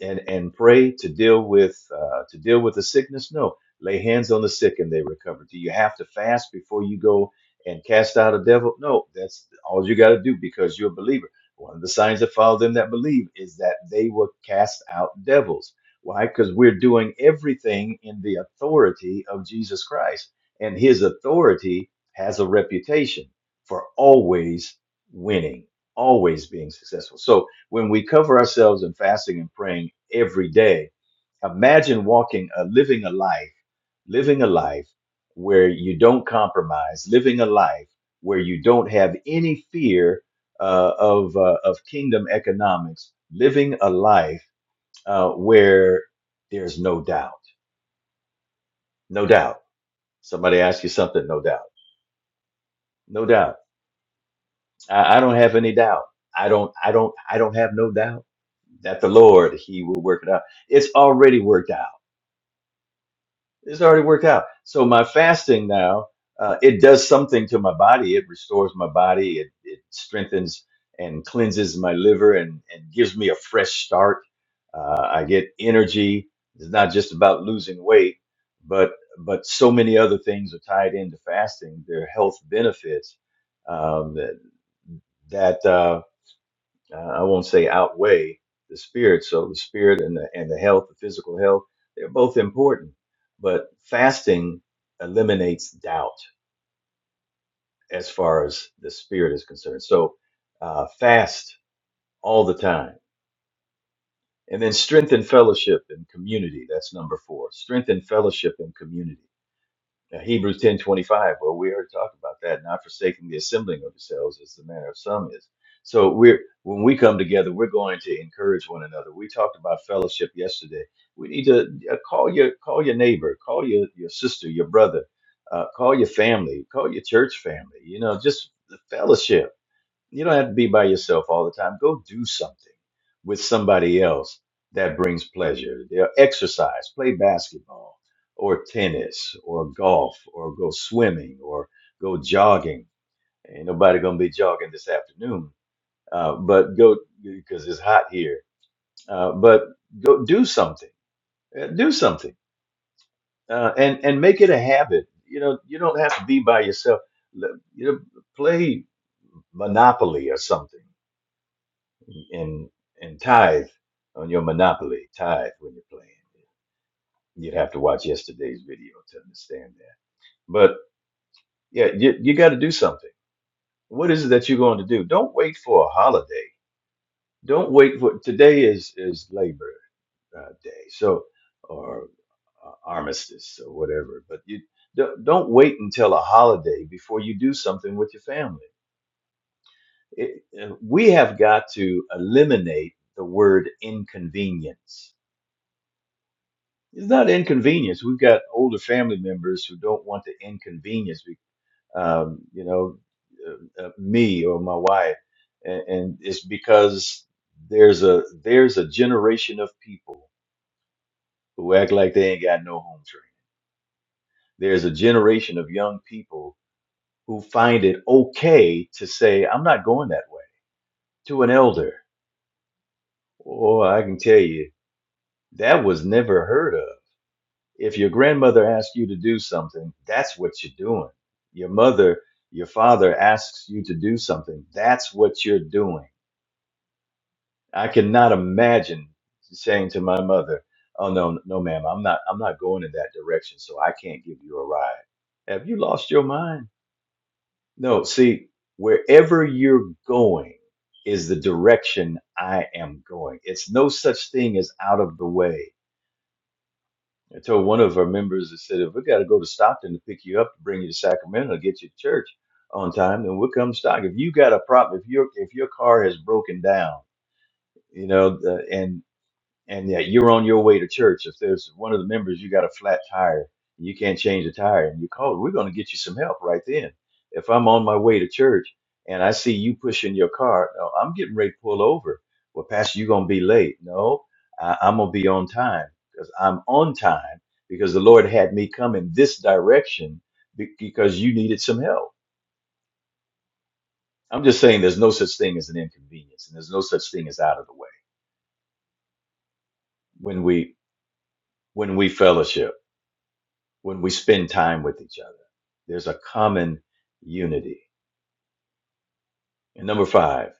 S3: and and pray to deal with uh, to deal with the sickness? No. Lay hands on the sick and they recover. Do you have to fast before you go and cast out a devil? No. That's all you got to do because you're a believer. One of the signs that follow them that believe is that they will cast out devils. Why? Because we're doing everything in the authority of Jesus Christ, and His authority has a reputation for always winning, always being successful. So when we cover ourselves in fasting and praying every day, imagine walking, a living a life, living a life where you don't compromise, living a life where you don't have any fear uh, of uh, of kingdom economics, living a life uh, where there's no doubt, no doubt. Somebody asks you something, no doubt, no doubt. I, I don't have any doubt. I don't, I don't, I don't have no doubt that the Lord He will work it out. It's already worked out It's already worked out. So my fasting now, uh, it does something to my body. It restores my body. It, it strengthens and cleanses my liver and, and gives me a fresh start. Uh, I get energy. It's not just about losing weight, but but so many other things are tied into fasting. There are health benefits um, that that. Uh, uh, I won't say outweigh the spirit. So the spirit and the and the health, the physical health, they're both important. But fasting eliminates doubt as far as the spirit is concerned. So uh, fast all the time, and then strengthen fellowship and community. That's number four. Strengthen fellowship and community. Now, Hebrews ten twenty five. Well, we already talked about that. Not forsaking the assembling of yourselves, as the manner of some is. So we're when we come together, we're going to encourage one another. We talked about fellowship yesterday. We need to uh, call your call your neighbor, call your your sister, your brother, uh, call your family, call your church family. You know, just the fellowship you don't have to be by yourself all the time. Go do something with somebody else that brings pleasure. You know, Exercise, play basketball or tennis or golf or go swimming or go jogging. Ain't nobody gonna be jogging this afternoon, uh, but go because it's hot here. Uh, but go do something. Uh, Do something uh, and and make it a habit. You know, you don't have to be by yourself. Let- You know, play Monopoly or something and and tithe on your monopoly tithe when you're playing you'd have to watch yesterday's video to understand that but yeah you, you got to do something what is it that you're going to do don't wait for a holiday don't wait for today is is labor uh, day so or uh, armistice or whatever but you don't, don't wait until a holiday before you do something with your family it, uh, we have got to eliminate the word inconvenience It's not inconvenience. We've got older family members who don't want the inconvenience, be- um, you know, uh, uh, me or my wife, and, and it's because there's a there's a generation of people who act like they ain't got no home training. There's a generation of young people who find it okay to say, "I'm not going that way" to an elder, or I can tell you that was never heard of if your grandmother asks you to do something, that's what you're doing. Your mother, your father asks you to do something, that's what you're doing. I cannot imagine saying to my mother, "Oh no, no, ma'am, I'm not, I'm not going in that direction, so I can't give you a ride." Have you lost your mind? No. See, wherever you're going is the direction I am going. It's no such thing as out of the way I told one of our members, I said, if we got to go to Stockton to pick you up to bring you to Sacramento, get you to church on time, then we'll come stock. If you got a problem, if your if your car has broken down, you know, the, and and that you're on your way to church. If there's one of the members, you got a flat tire, you can't change the tire, and you call, we're going to get you some help right then. If I'm on my way to church and I see you pushing your car, no, I'm getting ready to pull over. Well, Pastor, you're going to be late. No, I, I'm going to be on time because I'm on time because the Lord had me come in this direction be- because you needed some help. I'm just saying there's no such thing as an inconvenience and there's no such thing as out of the way when we when we fellowship. when we spend time with each other. There's a common unity. And number five,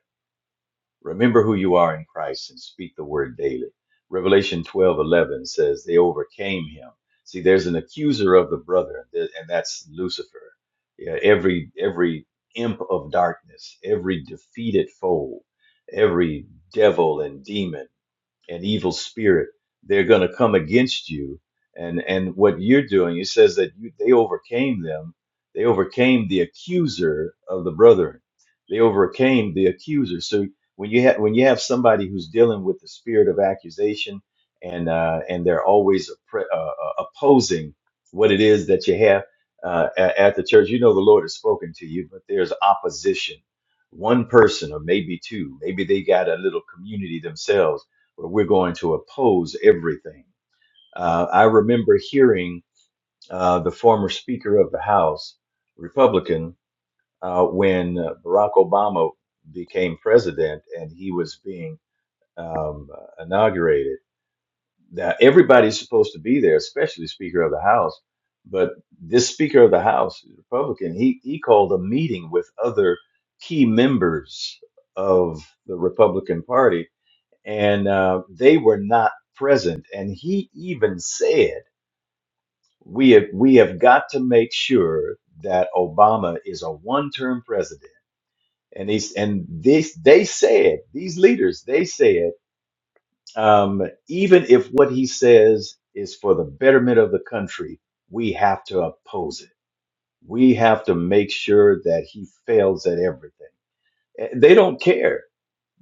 S3: remember who you are in Christ and speak the word daily. Revelation 12:11 says, They overcame him. See, there's an accuser of the brother, th- and that's Lucifer. Yeah, every every imp of darkness, every defeated foe, every devil and demon an evil spirit they're going to come against you and and what you're doing it says that you, they overcame them they overcame the accuser of the brethren they overcame the accuser so when you have when you have somebody who's dealing with the spirit of accusation and uh, and they're always oppre- uh, uh, opposing what it is that you have uh, a- at the church you know the lord has spoken to you but there's opposition one person or maybe two maybe they got a little community themselves we're going to oppose everything. Uh, I remember hearing uh, the former Speaker of the House, Republican, uh, when uh, Barack Obama became president and he was being um, uh, inaugurated. Now, everybody's supposed to be there, especially Speaker of the House. But this Speaker of the House, Republican, he, he called a meeting with other key members of the Republican Party and uh, they were not present. And he even said, "We have we have got to make sure that Obama is a one-term president." And he's and this they said these leaders they said um, even if what he says is for the betterment of the country, we have to oppose it. We have to make sure that he fails at everything. Eh, They don't care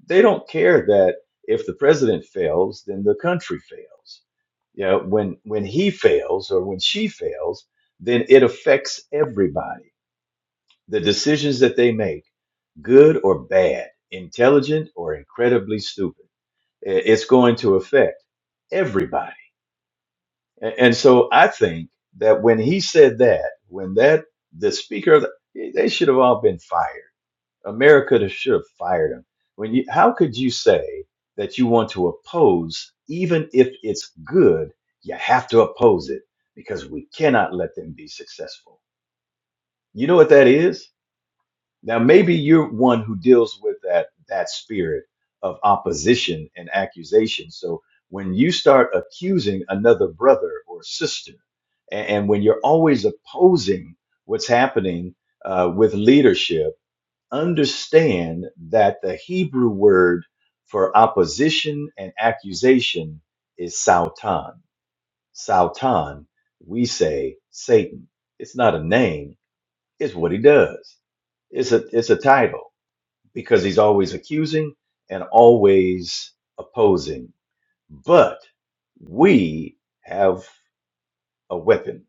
S3: they don't care that if the president fails, then the country fails. You know, when when he fails or when she fails, then it affects everybody. The decisions that they make, good or bad, intelligent or incredibly stupid, i- it's going to affect everybody. A- And so I think that when he said that, when that the speaker, of the- they should have all been fired America to should have fired him. When you, how could you say that you want to oppose, even if it's good? You have to oppose it because we cannot let them be successful. You know what that is? Now, maybe you're one who deals with that that spirit of opposition and accusation. So when you start accusing another brother or sister, a- and, when you're always opposing what's happening uh, with leadership understand that the Hebrew word for opposition and accusation is Sautan. Sautan, we say Satan. It's not a name, it's what he does. It's a it's a title because he's always accusing and always opposing. But we have a weapon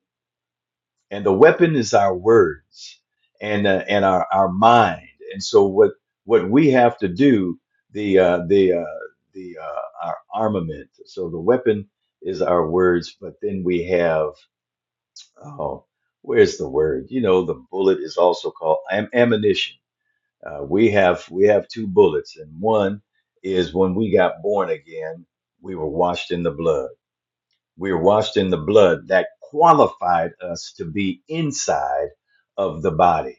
S3: and the weapon is our words and uh, and our our mind and so what what we have to do the uh, the uh, the uh, our armament so the weapon is our words but then we have oh where's the word you know the bullet is also called am- ammunition uh, we have we have two bullets and one is when we got born again we were washed in the blood we are washed in the blood that qualified us to be inside of the body.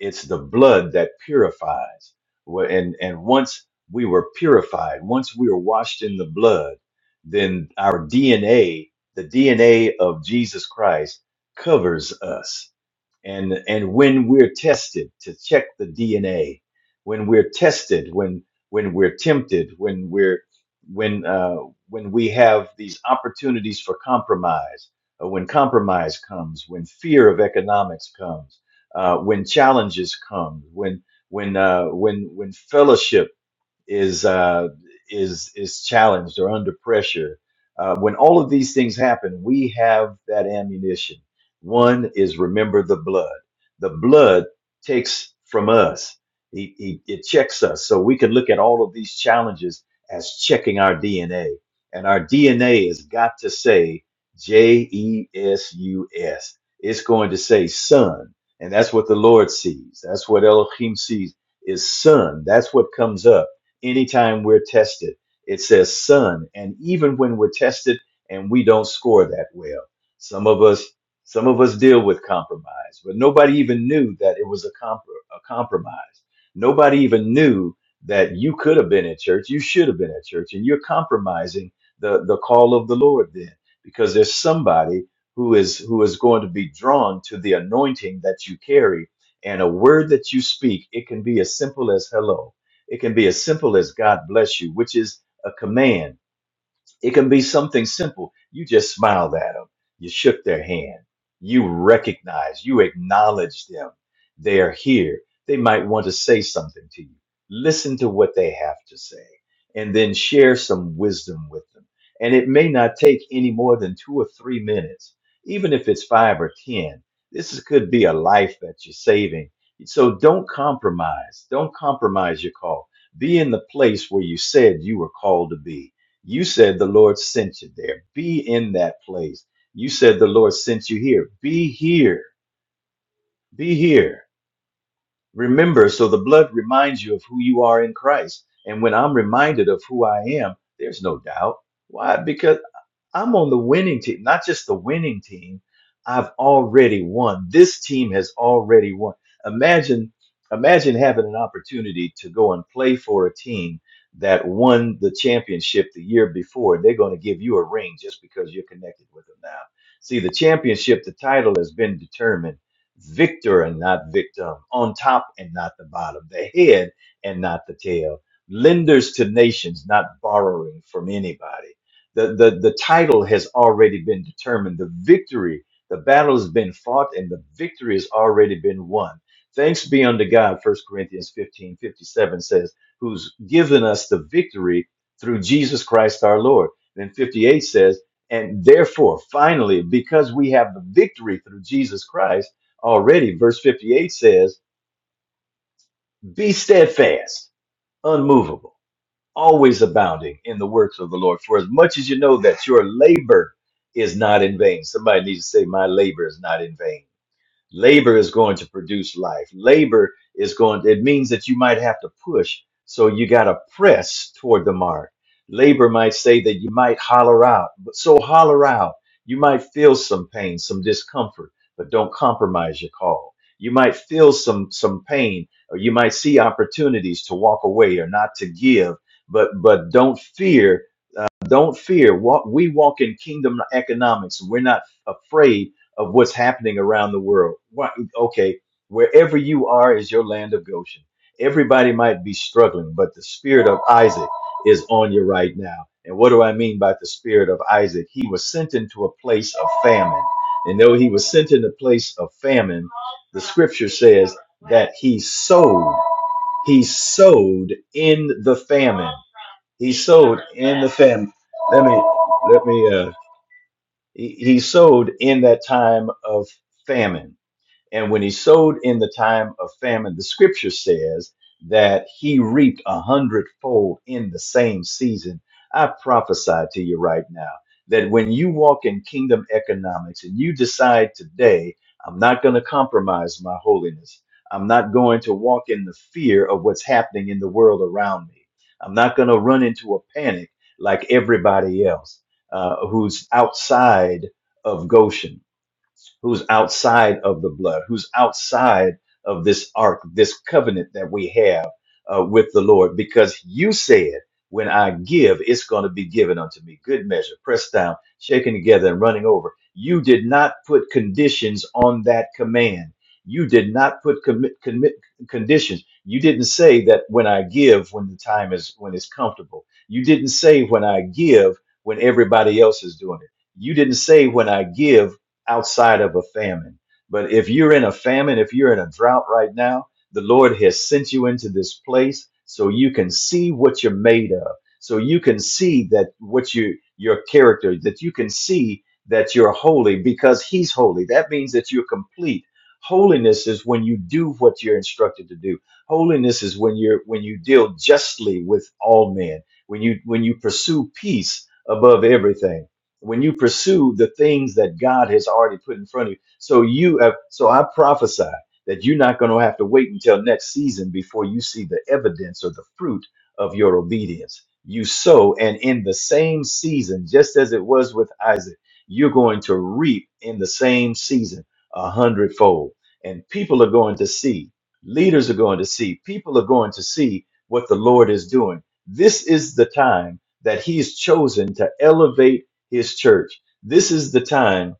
S3: It's the blood that purifies. Wh- And, and once we were purified, once we were washed in the blood, then our DNA, the DNA of Jesus Christ, covers us and and when we're tested to check the DNA, when we're tested, when when we're tempted, when we're when uh, when we have these opportunities for compromise, uh, when compromise comes, when fear of economics comes, uh, when challenges come, when when uh, when when fellowship is uh, is is challenged or under pressure. Uh, when all of these things happen, we have that ammunition. One is remember the blood. The blood takes from us. He, he, it checks us, so we can look at all of these challenges as checking our DNA, and our DNA has got to say J E S U S. It's going to say son, and that's what the Lord sees. That's what Elohim sees is son. That's what comes up Anytime we're tested, it says son. And even when we're tested and we don't score that well, some of us some of us deal with compromise, but nobody even knew that it was a, comp- a compromise. Nobody even knew that you could have been at church, you should have been at church, and you're compromising the, the call of the Lord then, because there's somebody who is who is going to be drawn to the anointing that you carry and a word that you speak. It can be as simple as hello it can be as simple as God bless you, which is a command it can be something simple. You just smiled at them. You shook their hand. You recognize, you acknowledge them. They are here. They might want to say something to you. Listen to what they have to say and then share some wisdom with them. And it may not take any more than two or three minutes, even if it's five or 10. This is- could be a life that you're saving. So don't compromise. Don't compromise your call. Be in the place where you said you were called to be you said the Lord sent you there. Be in that place. You said the Lord sent you here. Be here. Be here. Remember, so the blood reminds you of who you are in Christ. And when I'm reminded of who I am, there's no doubt. Why? Because I'm on the winning team, not just the winning team. I've already won. This team has already won. Imagine, imagine having an opportunity to go and play for a team that won the championship the year before. They're going to give you a ring just because you're connected with them now. See, the championship, the title has been determined. Victor and not victim, on top and not the bottom, the head and not the tail, lenders to nations, not borrowing from anybody the, the, the title has already been determined. The victory, the battle has been fought, and the victory has already been won. Thanks be unto God, First Corinthians 15 57 says, who's given us the victory through Jesus Christ our Lord. Then 58 says, and therefore, finally, because we have the victory through Jesus Christ already, verse 58 says, be steadfast, unmovable always abounding in the works of the Lord. For as much as you know that your labor is not in vain, somebody needs to say, My labor is not in vain labor is going to produce life labor is going it means that you might have to push so you got to press toward the mark labor might say that you might holler out but so holler out you might feel some pain some discomfort but don't compromise your call you might feel some some pain or you might see opportunities to walk away or not to give but but don't fear don't fear. Walk, we walk in kingdom economics. We're not afraid of what's happening around the world. Why- Okay, wherever you are is your land of Goshen. Everybody might be struggling, but the spirit of Isaac is on you right now. And what do I mean by the spirit of Isaac? He was sent into a place of famine. And though he was sent in a place of famine, the scripture says that he sowed. He sowed in the famine he sowed in the famine. Let me let me uh he, he sowed in that time of famine. And when he sowed in the time of famine, the scripture says that he reaped a hundredfold in the same season. I prophesy to you right now that when you walk in kingdom economics and you decide today, I'm not going to compromise my holiness, I'm not going to walk in the fear of what's happening in the world around me, I'm not going to run into a panic like everybody else uh, who's outside of Goshen who's outside of the blood, who's outside of this ark, this covenant that we have uh, with the Lord, because you said, when I give, it's going to be given unto me. Good measure, pressed down, shaken together, and running over. You did not put conditions on that command. You did not put commit, commit conditions. You didn't say that when I give, when the time is when it's comfortable. You didn't say when I give, when everybody else is doing it. You didn't say when I give outside of a famine. But if you're in a famine, if you're in a drought right now, the Lord has sent you into this place so you can see what you're made of. So you can see that what you your character, that you can see that you're holy because he's holy. That means that you're complete. Holiness is when you do what you're instructed to do. Holiness is when you're when you deal justly with all men, when you when you pursue peace above everything when you pursue the things that God has already put in front of you. So you have, so I prophesy that you're not going to have to wait until next season before you see the evidence or the fruit of your obedience. You sow, and in the same season, just as it was with Isaac, you're going to reap in the same season a hundredfold. And people are going to see, leaders are going to see, people are going to see what the Lord is doing. This is the time that He's chosen to elevate his church. This is the time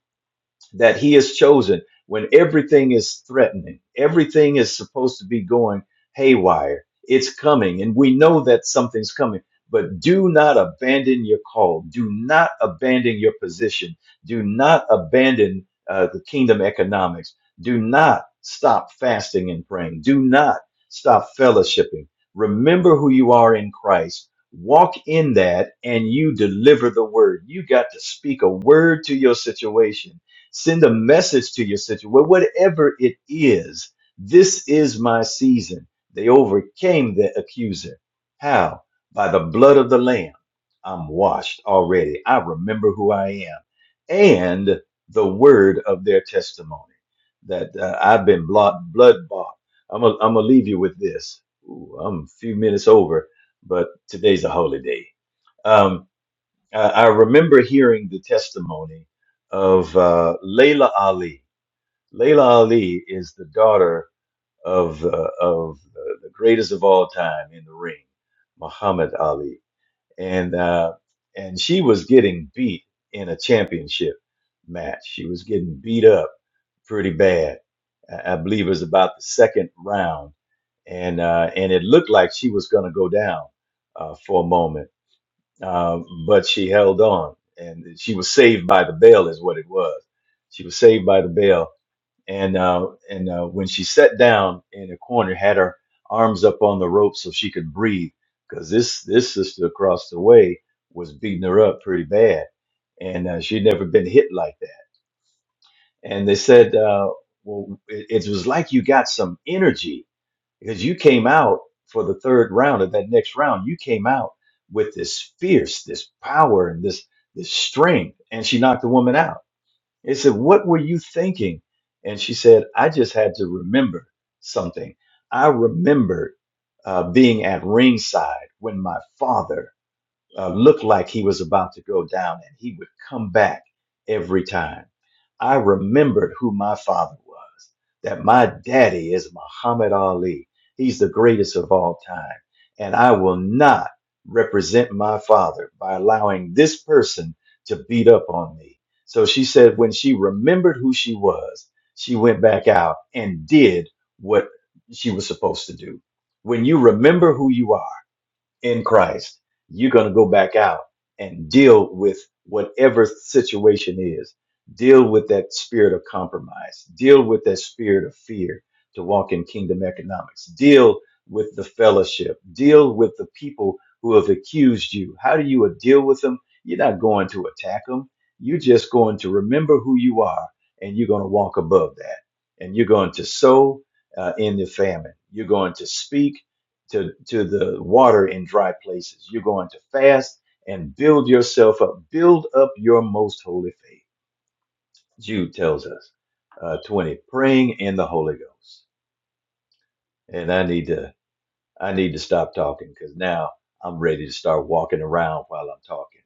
S3: that he has chosen when everything is threatening, everything is supposed to be going haywire. It's coming, and we know that something's coming. But do not abandon your call. Do not abandon your position. Do not abandon uh, the kingdom economics. Do not stop fasting and praying. Do not stop fellowshipping. Remember who you are in Christ. Walk in that, and you deliver the word. You got to speak a word to your situation Send a message to your situation, Well, whatever it is. This is my season. They overcame the accuser. How? By the blood of the Lamb. I'm washed already. I remember who I am. And the word of their testimony that uh, I've been blood, blood bought. I'm going to leave you with this. Ooh, I'm a few minutes over, but today's a holy day Um. Uh, I remember hearing the testimony of uh, Layla Ali. Layla Ali is the daughter of uh, of uh, the greatest of all time in the ring, Muhammad Ali, and uh, and she was getting beat in a championship match. She was getting beat up pretty bad. I I believe it was about the second round, and uh, and it looked like she was going to go down uh, for a moment um, but she held on and she was saved by the bell is what it was. She was saved by the bell. And, uh, and, uh, when she sat down in a corner, had her arms up on the rope so she could breathe because this, this sister across the way was beating her up pretty bad. And, uh, she'd never been hit like that. And they said, uh, well, it, it was like you got some energy because you came out for the third round of that next round. You came out with this fierce, this power, and this this strength, and she knocked the woman out. It said, "What were you thinking?" And she said, "I just had to remember something. I remembered uh, being at ringside when my father." uh, looked like he was about to go down, and he would come back every time. I remembered who my father was, that my daddy is Muhammad Ali. He's the greatest of all time. And I will not represent my father by allowing this person to beat up on me. So she said when she remembered who she was, she went back out and did what she was supposed to do. When you remember who you are, in Christ, you're going to go back out and deal with whatever situation is. Deal with that spirit of compromise. Deal with that spirit of fear to walk in kingdom economics. Deal with the fellowship. Deal with the people who have accused you. How do you deal with them? You're not going to attack them. You're just going to remember who you are and you're going to walk above that. And you're going to sow uh, in the famine. You're going to speak to, to the water in dry places. You're going to fast and build yourself up. Build up your most holy faith. Jude tells us. Uh, 20, praying in the Holy Ghost. And I need to I need to stop talking because now I'm ready to start walking around while I'm talking.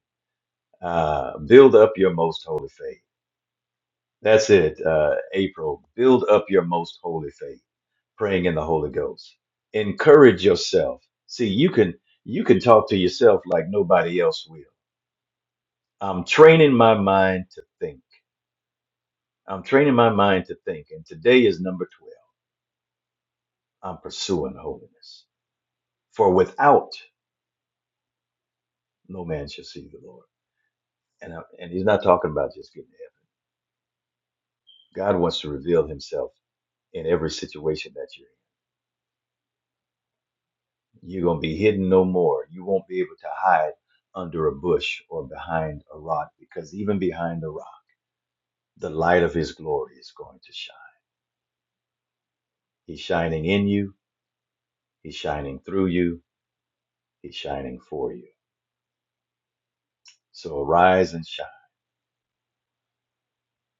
S3: Uh, build up your most holy faith That's it, uh, April. Build up your most holy faith, praying in the Holy Ghost. Encourage yourself. See, you can you can talk to yourself like nobody else will. I'm training my mind to think. I'm training my mind to think. And today is number 12. I'm pursuing holiness. For without no man shall see the Lord. And, I, and he's not talking about just getting to heaven. God wants to reveal himself in every situation that you're in. You're going to be hidden no more. You won't be able to hide under a bush or behind a rock because even behind the rock, the light of his glory is going to shine. He's shining in you, he's shining through you, he's shining for you. So arise and shine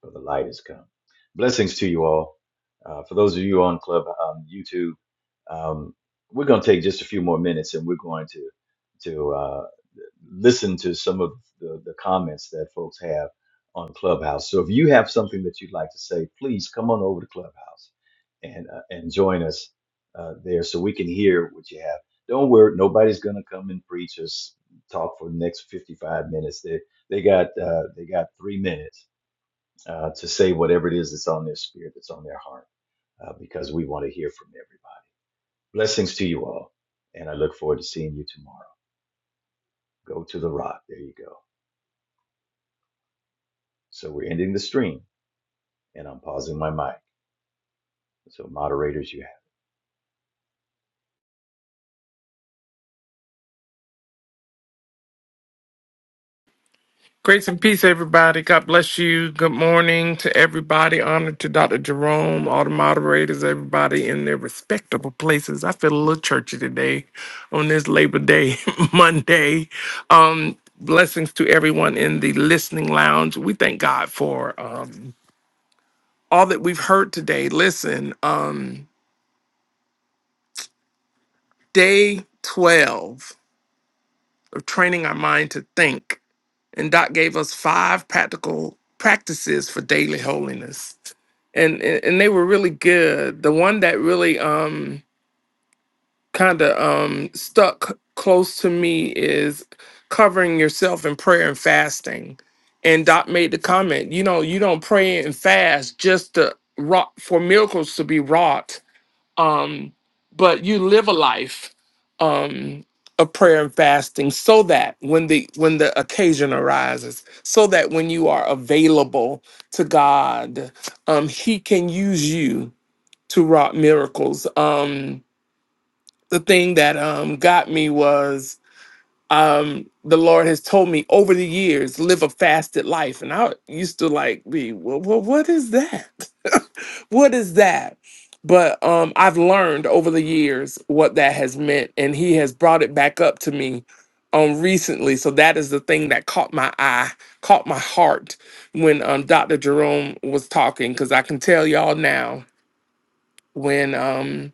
S3: for the light has come. Blessings to you all. Uh, for those of you on Club um, YouTube, um, we're going to take just a few more minutes, and we're going to to uh, listen to some of the, the comments that folks have on Clubhouse. So if you have something that you'd like to say, please come on over to Clubhouse and uh, and join us uh, there, so we can hear what you have. Don't worry, nobody's going to come and preach us talk for the next 55 minutes. They they got uh, they got three minutes uh, to say whatever it is that's on their spirit, that's on their heart, uh, because we want to hear from everybody. Blessings to you all. And I look forward to seeing you tomorrow. Go to the rock. There you go. So we're ending the stream and I'm pausing my mic. So, moderators, you
S1: Grace and peace, everybody. God bless you. Good morning to everybody. Honor to Dr. Jerome, all the moderators, everybody in their respectable places. I feel a little churchy today on this Labor Day Monday. Um, blessings to everyone in the listening lounge. We thank God for um, all that we've heard today. Listen, um, day 12 of training our mind to think. and Doc gave us five practical practices for daily holiness, and and and they were really good. The one that really um kind of um stuck close to me is covering yourself in prayer and fasting. And Doc made the comment, you know, you don't pray and fast just to wrought for miracles to be wrought um, but you live a life um, of prayer and fasting so that when the when the occasion arises so that when you are available to god um, he can use you to wrought miracles um, the thing that um, got me was um the lord has told me over the years live a fasted life and i used to like be well, well what is that what is that but um i've learned over the years what that has meant and he has brought it back up to me um recently so that is the thing that caught my eye caught my heart when um dr jerome was talking because i can tell y'all now when um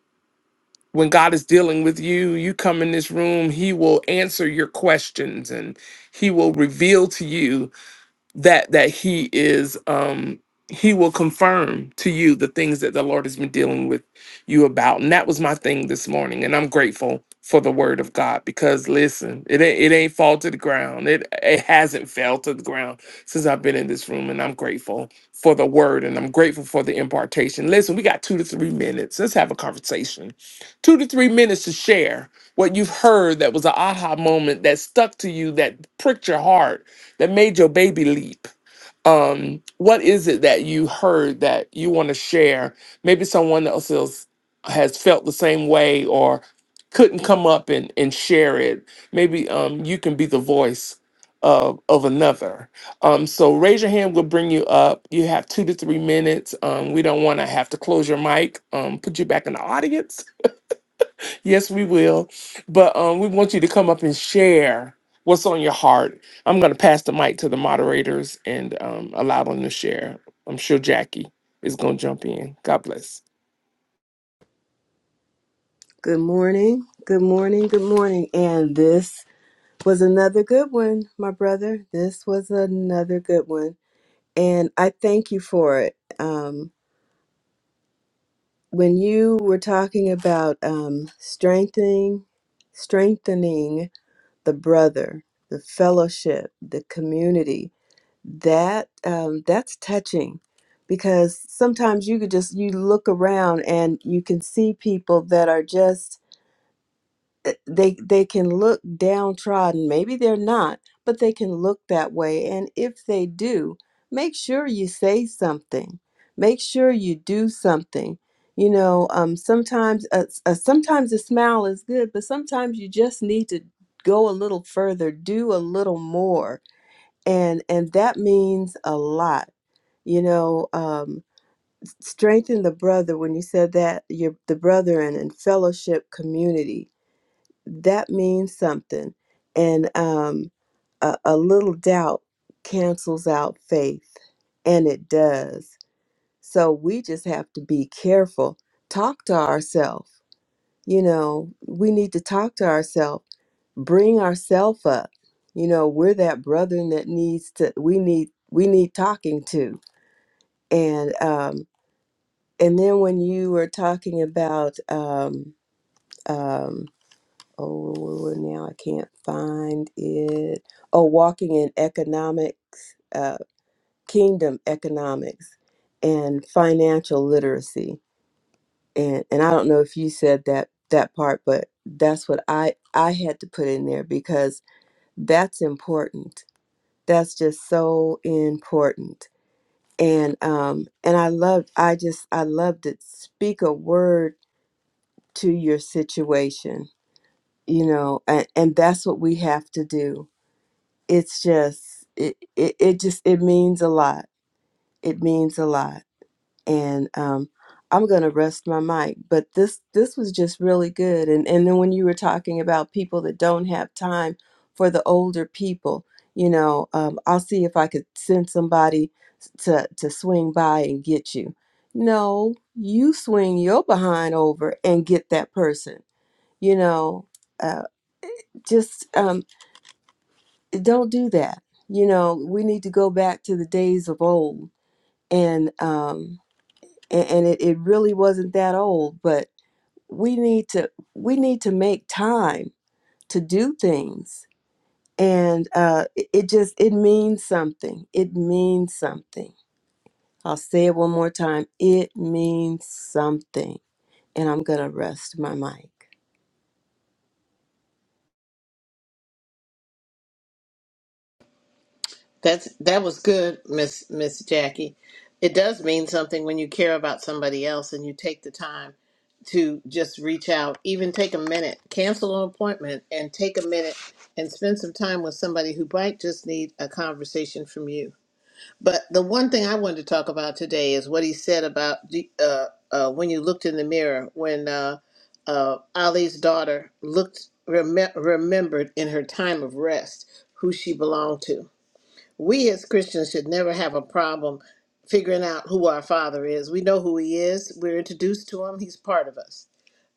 S1: when God is dealing with you, you come in this room, He will answer your questions and He will reveal to you that that he is um he will confirm to you the things that the lord has been dealing with you about and that was my thing this morning and i'm grateful for the word of god because listen it ain't, it ain't fall to the ground it it hasn't fell to the ground since i've been in this room and i'm grateful for the word and i'm grateful for the impartation listen we got two to three minutes let's have a conversation two to three minutes to share what you've heard that was an aha moment that stuck to you that pricked your heart that made your baby leap um what is it that you heard that you want to share maybe someone else is, has felt the same way or couldn't come up and, and share it maybe um you can be the voice of of another um so raise your hand we'll bring you up you have two to three minutes um we don't want to have to close your mic um put you back in the audience Yes, we will. But um, we want you to come up and share what's on your heart. I'm going to pass the mic to the moderators and um, allow them to share. I'm sure Jackie is going to jump in. God bless.
S4: Good morning. Good morning. Good morning. And this was another good one, my brother. This was another good one. And I thank you for it. Um, when you were talking about um, strengthening, strengthening the brother, the fellowship, the community, that um, that's touching because sometimes you could just you look around and you can see people that are just uh, they they can look downtrodden maybe they're not but they can look that way and if they do make sure you say something make sure you do something you know um, sometimes a, a, sometimes a smile is good but sometimes you just need to go a little further do a little more and and that means a lot you know um, strengthen the brother when you said that your the brethren and and fellowship community that means something. And um, a, a little doubt cancels out faith, and it does. So we just have to be careful. Talk to ourselves. You know, we need to talk to ourselves, bring ourselves up. You know, we're that brethren that needs to. We need we need talking to. And um, and then when you were talking about um, um, oh well, well, well, now i can't find it oh walking in economics uh, kingdom economics and financial literacy and and i don't know if you said that that part but that's what i i had to put in there because that's important that's just so important and um and i loved i just i loved it speak a word to your situation you know and, and that's what we have to do it's just it, it it just it means a lot it means a lot and um i'm gonna rest my mic but this this was just really good and and then when you were talking about people that don't have time for the older people you know um i'll see if i could send somebody to to swing by and get you no you swing your behind over and get that person you know uh, just um don't do that. You know, we need to go back to the days of old, and um, and, and it, it really wasn't that old, but we need to we need to make time to do things, and uh, it, it just it means something. It means something. I'll say it one more time. It means something, and I'm gonna rest my mic.
S5: That's that was good, Miss Miss Jackie. It does mean something when you care about somebody else and you take the time to just reach out, even take a minute, cancel an appointment and take a minute and spend some time with somebody who might just need a conversation from you. But the one thing I wanted to talk about today is what he said about the- uh, uh, when you looked in the mirror, when uh, uh, Ali's daughter looked, rem- remembered in her time of rest who she belonged to we as Christians should never have a problem figuring out who our Father is. We know who He is. We're introduced to Him. He's part of us.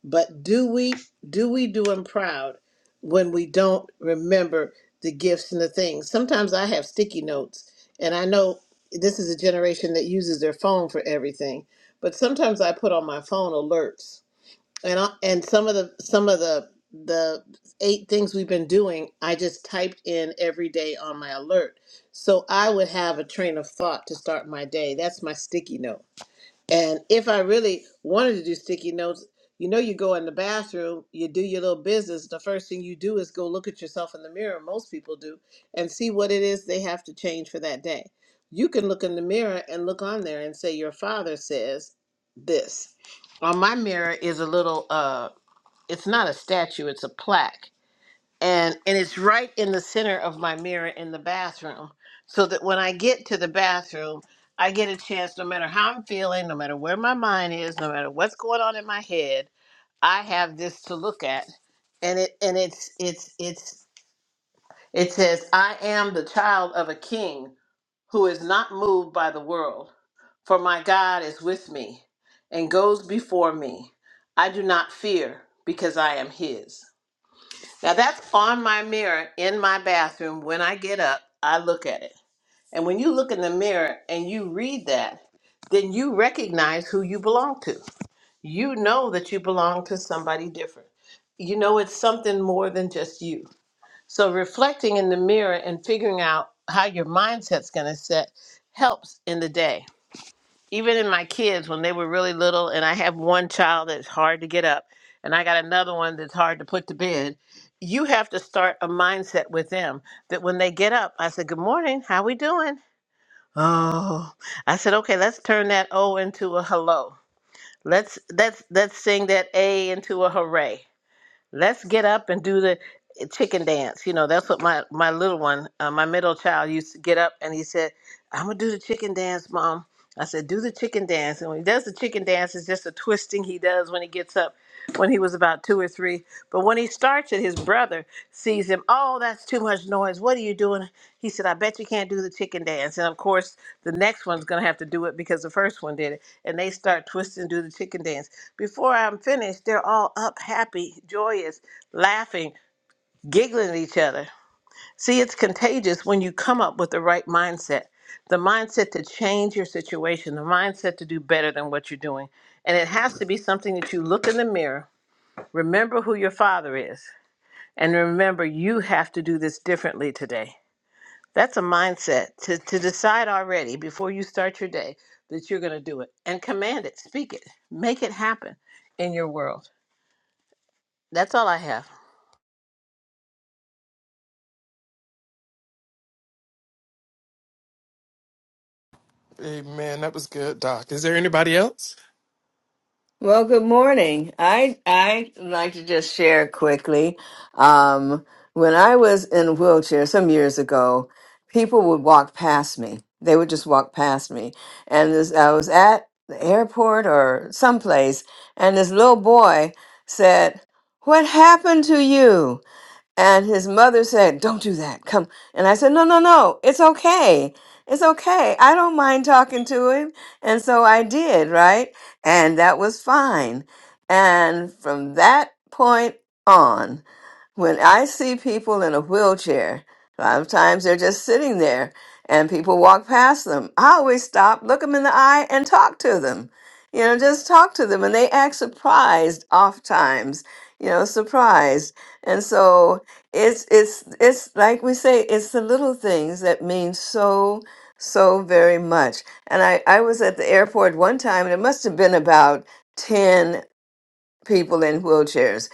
S5: But do we do we do Him proud when we don't remember the gifts and the things? Sometimes I have sticky notes, and I know this is a generation that uses their phone for everything. But sometimes I put on my phone alerts and I, and some of the some of the the eight things we've been doing i just typed in every day on my alert so i would have a train of thought to start my day that's my sticky note and if I really wanted to do sticky notes, you know, you go in the bathroom, you do your little business. The first thing you do is go look at yourself in the mirror, most people do, and see what it is they have to change for that day. You can look in the mirror and look on there and say, Your father says this. On my mirror is a little, uh, it's not a statue, it's a plaque and and it's right in the center of my mirror in the bathroom so that when i get to the bathroom i get a chance no matter how i'm feeling no matter where my mind is no matter what's going on in my head i have this to look at and it and it's it's it's it says i am the child of a king who is not moved by the world for my god is with me and goes before me i do not fear because i am his now that's on my mirror in my bathroom. When I get up, I look at it. And when you look in the mirror and you read that, then you recognize who you belong to. You know that you belong to somebody different. You know it's something more than just you. So reflecting in the mirror and figuring out how your mindset's going to set helps in the day even in my kids when they were really little and i have one child that's hard to get up and i got another one that's hard to put to bed you have to start a mindset with them that when they get up i said good morning how we doing oh i said okay let's turn that o into a hello let's let's let's sing that a into a hooray let's get up and do the eh, chicken dance. You know, that's what my my little one, uh, my middle child, used to get up and he said, "I'm gonna do the chicken dance, mom." I said, "Do the chicken dance." And when he does the chicken dance, it's just a twisting he does when he gets up. When he was about two or three, but when he starts it, his brother sees him. Oh, that's too much noise. What are you doing? He said, "I bet you can't do the chicken dance." And of course, the next one's gonna have to do it because the first one did it. And they start twisting, do the chicken dance. Before I'm finished, they're all up, happy, joyous, laughing, giggling at each other. See, it's contagious when you come up with the right mindset the mindset to change your situation, the mindset to do better than what you're doing. And it has to be something that you look in the mirror, remember who your father is, and remember you have to do this differently today. That's a mindset to, to decide already before you start your day that you're going to do it and command it, speak it, make it happen in your world. That's all I have.
S1: Amen. That was good, Doc. Is there anybody else?
S6: Well, good morning. I I like to just share quickly. Um, when I was in a wheelchair some years ago, people would walk past me. They would just walk past me, and this, I was at the airport or someplace, and this little boy said, "What happened to you?" And his mother said, Don't do that. Come. And I said, No, no, no. It's okay. It's okay. I don't mind talking to him. And so I did, right? And that was fine. And from that point on, when I see people in a wheelchair, sometimes they're just sitting there and people walk past them. I always stop, look them in the eye, and talk to them. You know, just talk to them. And they act surprised oftentimes, you know, surprised. And so it's it's it's like we say, it's the little things that mean so so very much. And I, I was at the airport one time and it must have been about 10 people in wheelchairs.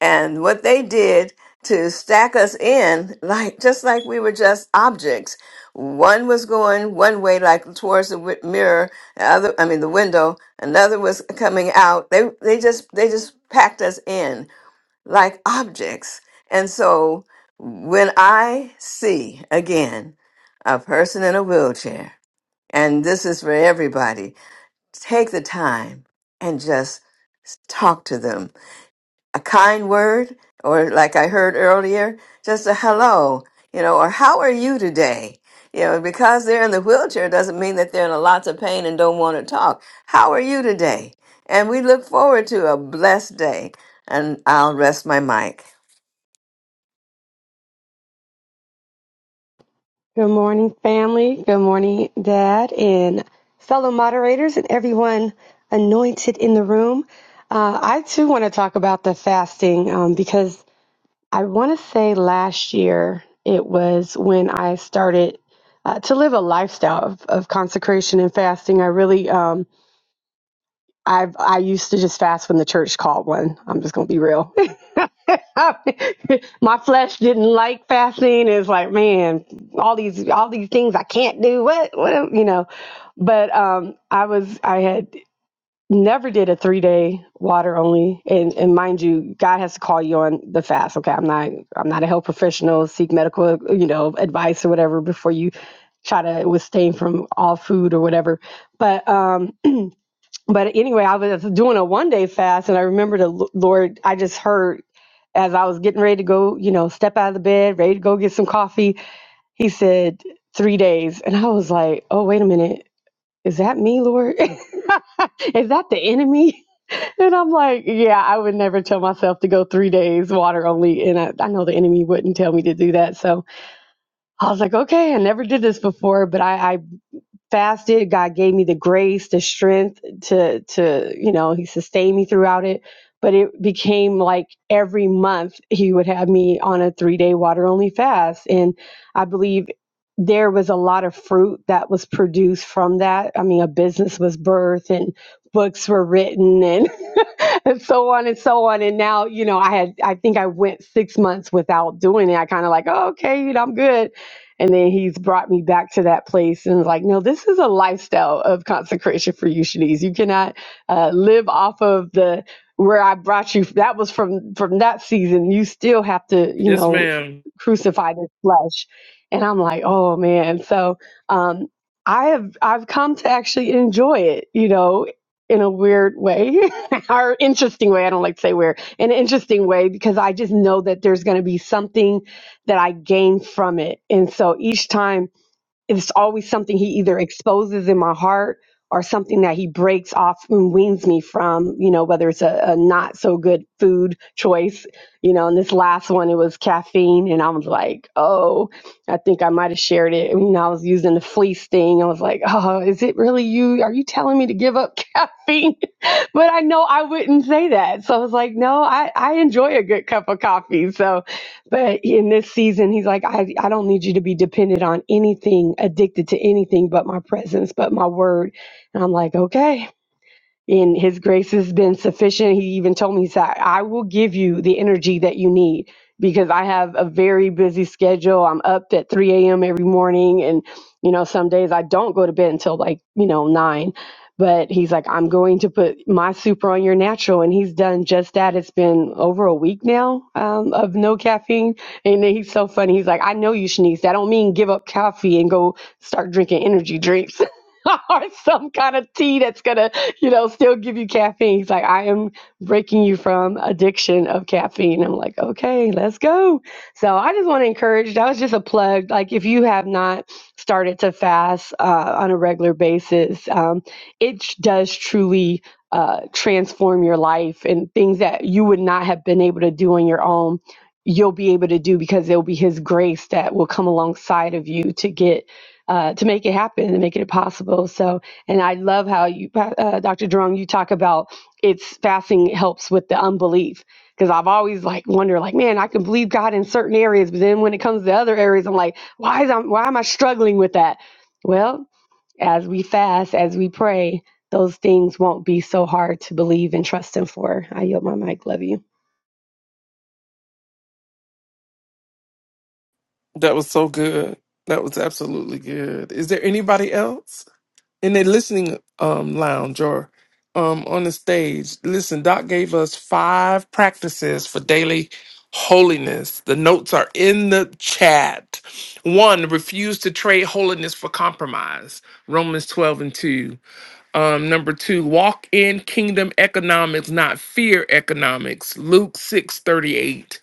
S6: And what they did to stack us in, like just like we were just objects. One was going one way, like towards the wi- mirror. The other, I mean, the window. Another was coming out. They they just they just packed us in like objects. And so when I see again a person in a wheelchair, and this is for everybody, take the time and just talk to them a kind word, or like I heard earlier, just a hello, you know, or how are you today? You know, because they're in the wheelchair doesn't mean that they're in a lots of pain and don't want to talk. How are you today? And we look forward to a blessed day. And I'll rest my mic.
S7: Good morning, family. Good morning, Dad, and fellow moderators, and everyone anointed in the room. Uh, I too want to talk about the fasting um, because I want to say last year it was when I started uh, to live a lifestyle of, of consecration and fasting. I really, um, I've I used to just fast when the church called one. I'm just gonna be real up. My flesh didn't like fasting. It's like, man, all these all these things I can't do. What what am- you know? But um I was I had never did a three day water only and and mind you, God has to call you on the fast. Okay. I'm not I'm not a health professional, seek medical, you know, advice or whatever before you try to abstain from all food or whatever. But um but anyway, I was doing a one day fast, and I remember the L- Lord. I just heard as I was getting ready to go, you know, step out of the bed, ready to go get some coffee. He said three days, and I was like, "Oh, wait a minute, is that me, Lord? is that the enemy?" And I'm like, "Yeah, I would never tell myself to go three days water only, and I, I know the enemy wouldn't tell me to do that." So I was like, "Okay, I never did this before, but I, I fasted god gave me the grace the strength to to you know he sustained me throughout it but it became like every month he would have me on a three day water only fast and i believe there was a lot of fruit that was produced from that i mean a business was birthed and books were written and and so on and so on and now you know i had i think i went six months without doing it i kind of like oh, okay you know i'm good and then he's brought me back to that place and like, no, this is a lifestyle of consecration for you, Shanice. You cannot uh, live off of the where I brought you. That was from from that season. You still have to, you
S1: Yes,
S7: know,
S1: ma'am.
S7: crucify this flesh. And I'm like, oh man. So um, I have I've come to actually enjoy it, you know, in a weird way or interesting way. I don't like to say weird, in an interesting way because I just know that there's going to be something that I gain from it. And so each time it's always something he either exposes in my heart or something that he breaks off and weans me from, you know, whether it's a, a not so good food choice, you know, and this last one, it was caffeine. And I was like, oh, I think I might have shared it. You know, I was using the fleece thing. I was like, oh, is it really you? Are you telling me to give up caffeine? but I know I wouldn't say that. So I was like, no, I, I enjoy a good cup of coffee. So but in this season, he's like, I, I don't need you to be dependent on anything, addicted to anything but my presence, but my word. And I'm like, okay and his grace has been sufficient he even told me he said i will give you the energy that you need because i have a very busy schedule i'm up at 3 a.m every morning and you know some days i don't go to bed until like you know 9 but he's like i'm going to put my super on your natural and he's done just that it's been over a week now um, of no caffeine and then he's so funny he's like i know you shanice that don't mean give up coffee and go start drinking energy drinks or some kind of tea that's gonna, you know, still give you caffeine. He's like, I am breaking you from addiction of caffeine. I'm like, okay, let's go. So I just want to encourage. That was just a plug. Like, if you have not started to fast uh, on a regular basis, um, it does truly. Uh, transform your life and things that you would not have been able to do on your own, you'll be able to do because it'll be His grace that will come alongside of you to get uh, to make it happen and make it possible. So, and I love how you, uh, Dr. Jerome, you talk about it's fasting helps with the unbelief because I've always like wonder like, man, I can believe God in certain areas, but then when it comes to other areas, I'm like, why is I'm why am I struggling with that? Well, as we fast, as we pray, those things won't be so hard to believe and trust Him for. I yield my mic. Love you.
S1: That was so good. That was absolutely good. Is there anybody else? in the listening um lounge or um on the stage listen doc gave us five practices for daily holiness the notes are in the chat one refuse to trade holiness for compromise romans 12 and 2 um number two walk in kingdom economics not fear economics luke 6 38.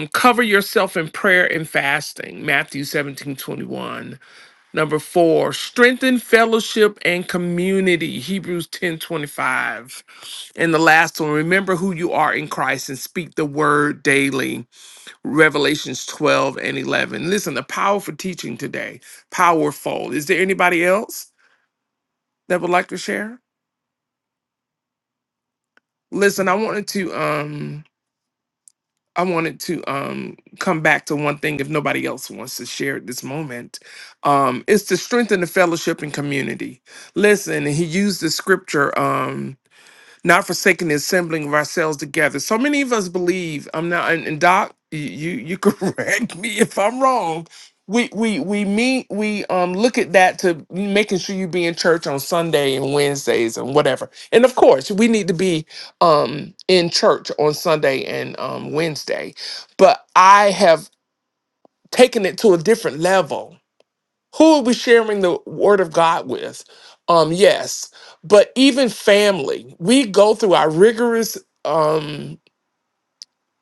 S1: um cover yourself in prayer and fasting matthew 17 21. Number four, strengthen fellowship and community. Hebrews 10 25. And the last one, remember who you are in Christ and speak the word daily. Revelations 12 and 11. Listen, the powerful teaching today. Powerful. Is there anybody else that would like to share? Listen, I wanted to. um I wanted to um, come back to one thing if nobody else wants to share at this moment. Um, it's to strengthen the fellowship and community. Listen, he used the scripture. Um, not forsaking the assembling of ourselves together. So many of us believe I'm not, and, and Doc, y- you you correct me if I'm wrong. We we we meet we um look at that to making sure you be in church on Sunday and Wednesdays and whatever. And of course, we need to be um in church on Sunday and um Wednesday. But I have taken it to a different level who are we sharing the word of God with? Um, yes, but even family, we go through our rigorous um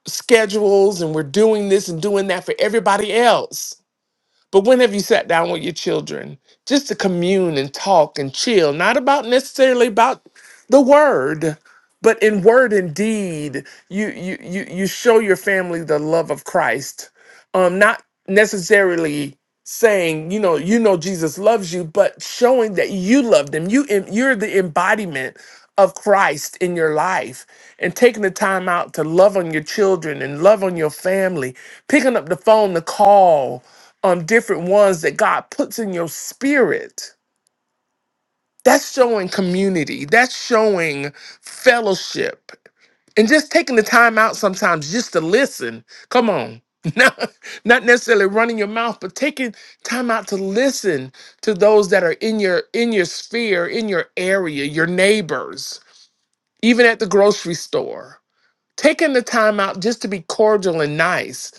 S1: schedules and we're doing this and doing that for everybody else. But when have you sat down with your children just to commune and talk and chill, not about necessarily about the word, but in word and deed, you you you you show your family the love of Christ. Um, not necessarily saying you know you know Jesus loves you, but showing that you love them. You em- you're the embodiment of Christ in your life and taking the time out to love on your children and love on your family, picking up the phone to call um, different ones that God puts in your spirit. That's showing community, that's showing fellowship, and just taking the time out sometimes just to listen. Come on. Not, not necessarily running your mouth, but taking time out to listen to those that are in your in your sphere, in your area, your neighbors, even at the grocery store. Taking the time out just to be cordial and nice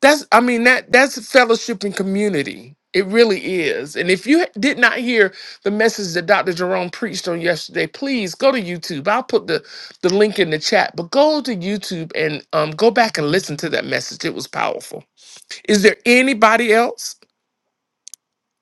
S1: that's I mean that that's fellowship and community. It really is. And if you did not hear the message that Dr. Jerome preached on yesterday, please go to YouTube. I'll put the, the link in the chat, but go to YouTube and um, go back and listen to that message. It was powerful. Is there anybody else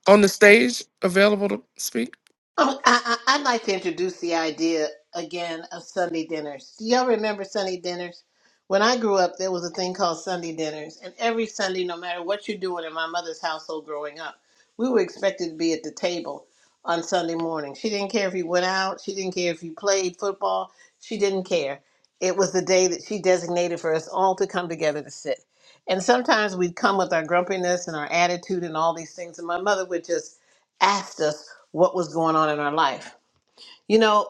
S1: on the stage available to speak?
S5: Oh, I, I, I'd like to introduce the idea again of Sunday dinners. Do y'all remember Sunday dinners? When I grew up, there was a thing called Sunday dinners, and every Sunday, no matter what you're doing in my mother's household growing up, we were expected to be at the table on Sunday morning. She didn't care if you went out, she didn't care if you played football, she didn't care. It was the day that she designated for us all to come together to sit. And sometimes we'd come with our grumpiness and our attitude and all these things, and my mother would just asked us what was going on in our life. You know,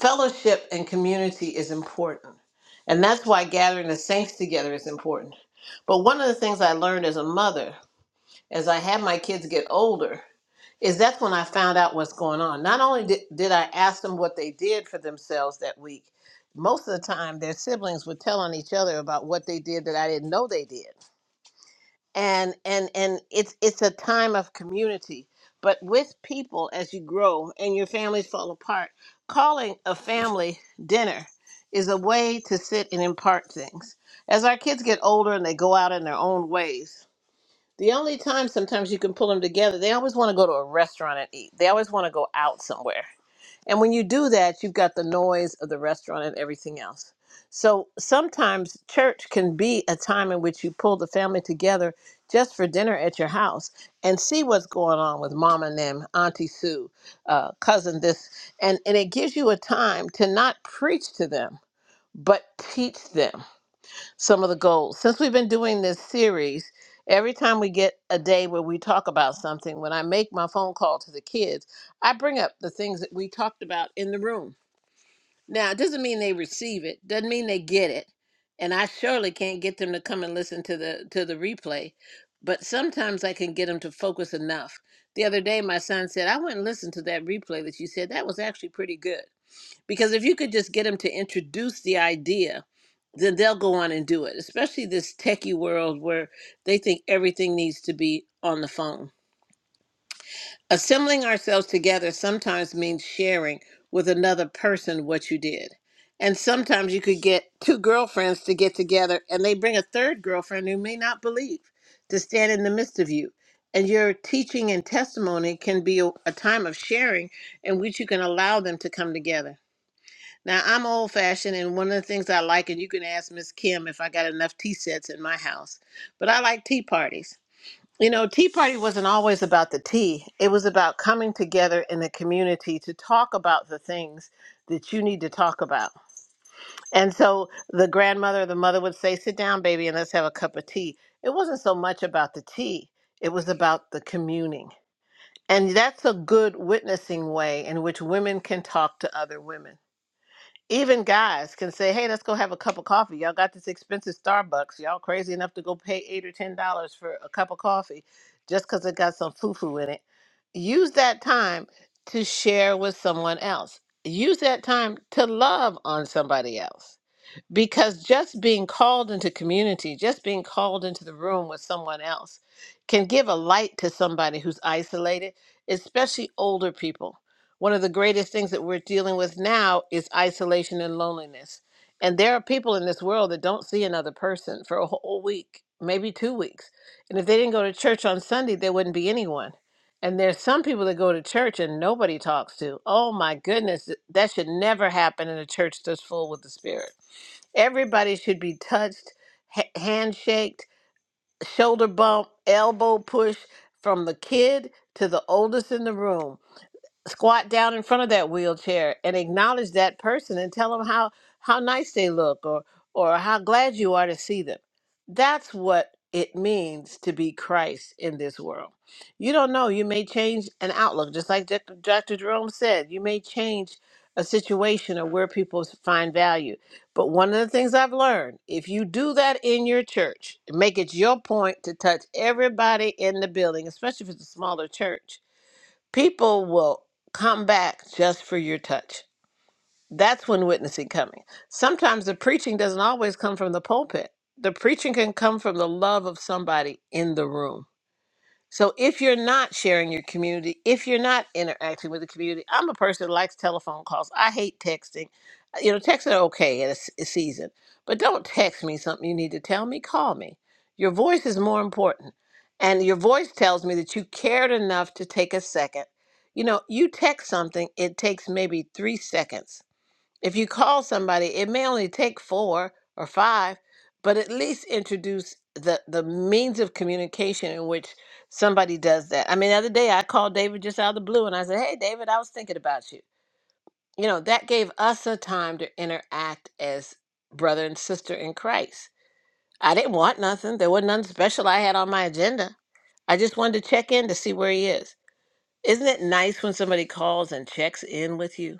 S5: fellowship and community is important. And that's why gathering the saints together is important. But one of the things I learned as a mother, as I had my kids get older, is that's when I found out what's going on. Not only did, did I ask them what they did for themselves that week, most of the time their siblings were telling each other about what they did that I didn't know they did and and and it's it's a time of community but with people as you grow and your families fall apart calling a family dinner is a way to sit and impart things as our kids get older and they go out in their own ways the only time sometimes you can pull them together they always want to go to a restaurant and eat they always want to go out somewhere and when you do that, you've got the noise of the restaurant and everything else. So sometimes church can be a time in which you pull the family together just for dinner at your house and see what's going on with mom and them, Auntie Sue, uh, cousin this. And, and it gives you a time to not preach to them, but teach them some of the goals. Since we've been doing this series, every time we get a day where we talk about something, when I make my phone call to the kids, I bring up the things that we talked about in the room. Now, it doesn't mean they receive it, doesn't mean they get it. And I surely can't get them to come and listen to the to the replay, but sometimes I can get them to focus enough. The other day my son said, "I went and listened to that replay that you said. That was actually pretty good." Because if you could just get them to introduce the idea, then they'll go on and do it, especially this techie world where they think everything needs to be on the phone. Assembling ourselves together sometimes means sharing with another person what you did. And sometimes you could get two girlfriends to get together and they bring a third girlfriend who may not believe to stand in the midst of you. And your teaching and testimony can be a, a time of sharing in which you can allow them to come together. Now I'm old fashioned, and one of the things I like, and you can ask Miss Kim if I got enough tea sets in my house, but I like tea parties. You know, tea party wasn't always about the tea. It was about coming together in the community to talk about the things that you need to talk about. And so the grandmother, or the mother would say, "Sit down, baby, and let's have a cup of tea." It wasn't so much about the tea. It was about the communing. And that's a good witnessing way in which women can talk to other women even guys can say, "Hey, let's go have a cup of coffee. Y'all got this expensive Starbucks. Y'all crazy enough to go pay eight or ten dollars for a cup of coffee just because it got some foo-foo in it." Use that time to share with someone else. Use that time to love on somebody else because just being called into community, just being called into the room with someone else can give a light to somebody who's isolated, especially older people. One of the greatest things that we're dealing with now is isolation and loneliness. And there are people in this world that don't see another person for a whole week, maybe two weeks. And if they didn't go to church on Sunday, there wouldn't be anyone. And there's some people that go to church and nobody talks to. Oh my goodness, th- that should never happen in a church that's full with the Spirit Everybody should be touched, ha- handshaked, shoulder bump, elbow push from the kid to the oldest in the room squat down in front of that wheelchair and acknowledge that person and tell them how how nice they look or or how glad you are to see them that's what it means to be christ in this world you don't know you may change an outlook just like dr Dr. jerome said you may change a situation or where people s- find value but one of the things i've learned if you do that in your church make it your point to touch everybody in the building especially if it's a smaller church people will come back just for your touch. That's when witnessing coming. Sometimes the preaching doesn't always come from the pulpit. The preaching can come from the love of somebody in the room. So if you're not sharing your community, if you're not interacting with the community, I'm a person that likes telephone calls. I hate texting. Uh, You know, texts are okay at a, s- a season, but don't text me something you need to tell me. Call me. Your voice is more important. And your voice tells me that you cared enough to take a second. You know, you text something, it takes maybe three seconds if you call somebody, it may only take four or five, but at least introduce the, the means of communication in which somebody does that. I mean, the other day I called David just out of the blue and I said, Hey, David, I was thinking about you. You know, that gave us a time to interact as brother and sister in Christ. I didn't want nothing, there wasn't nothing special I had on my agenda. I just wanted to check in to see where he is. Isn't it nice when somebody calls and checks in with you?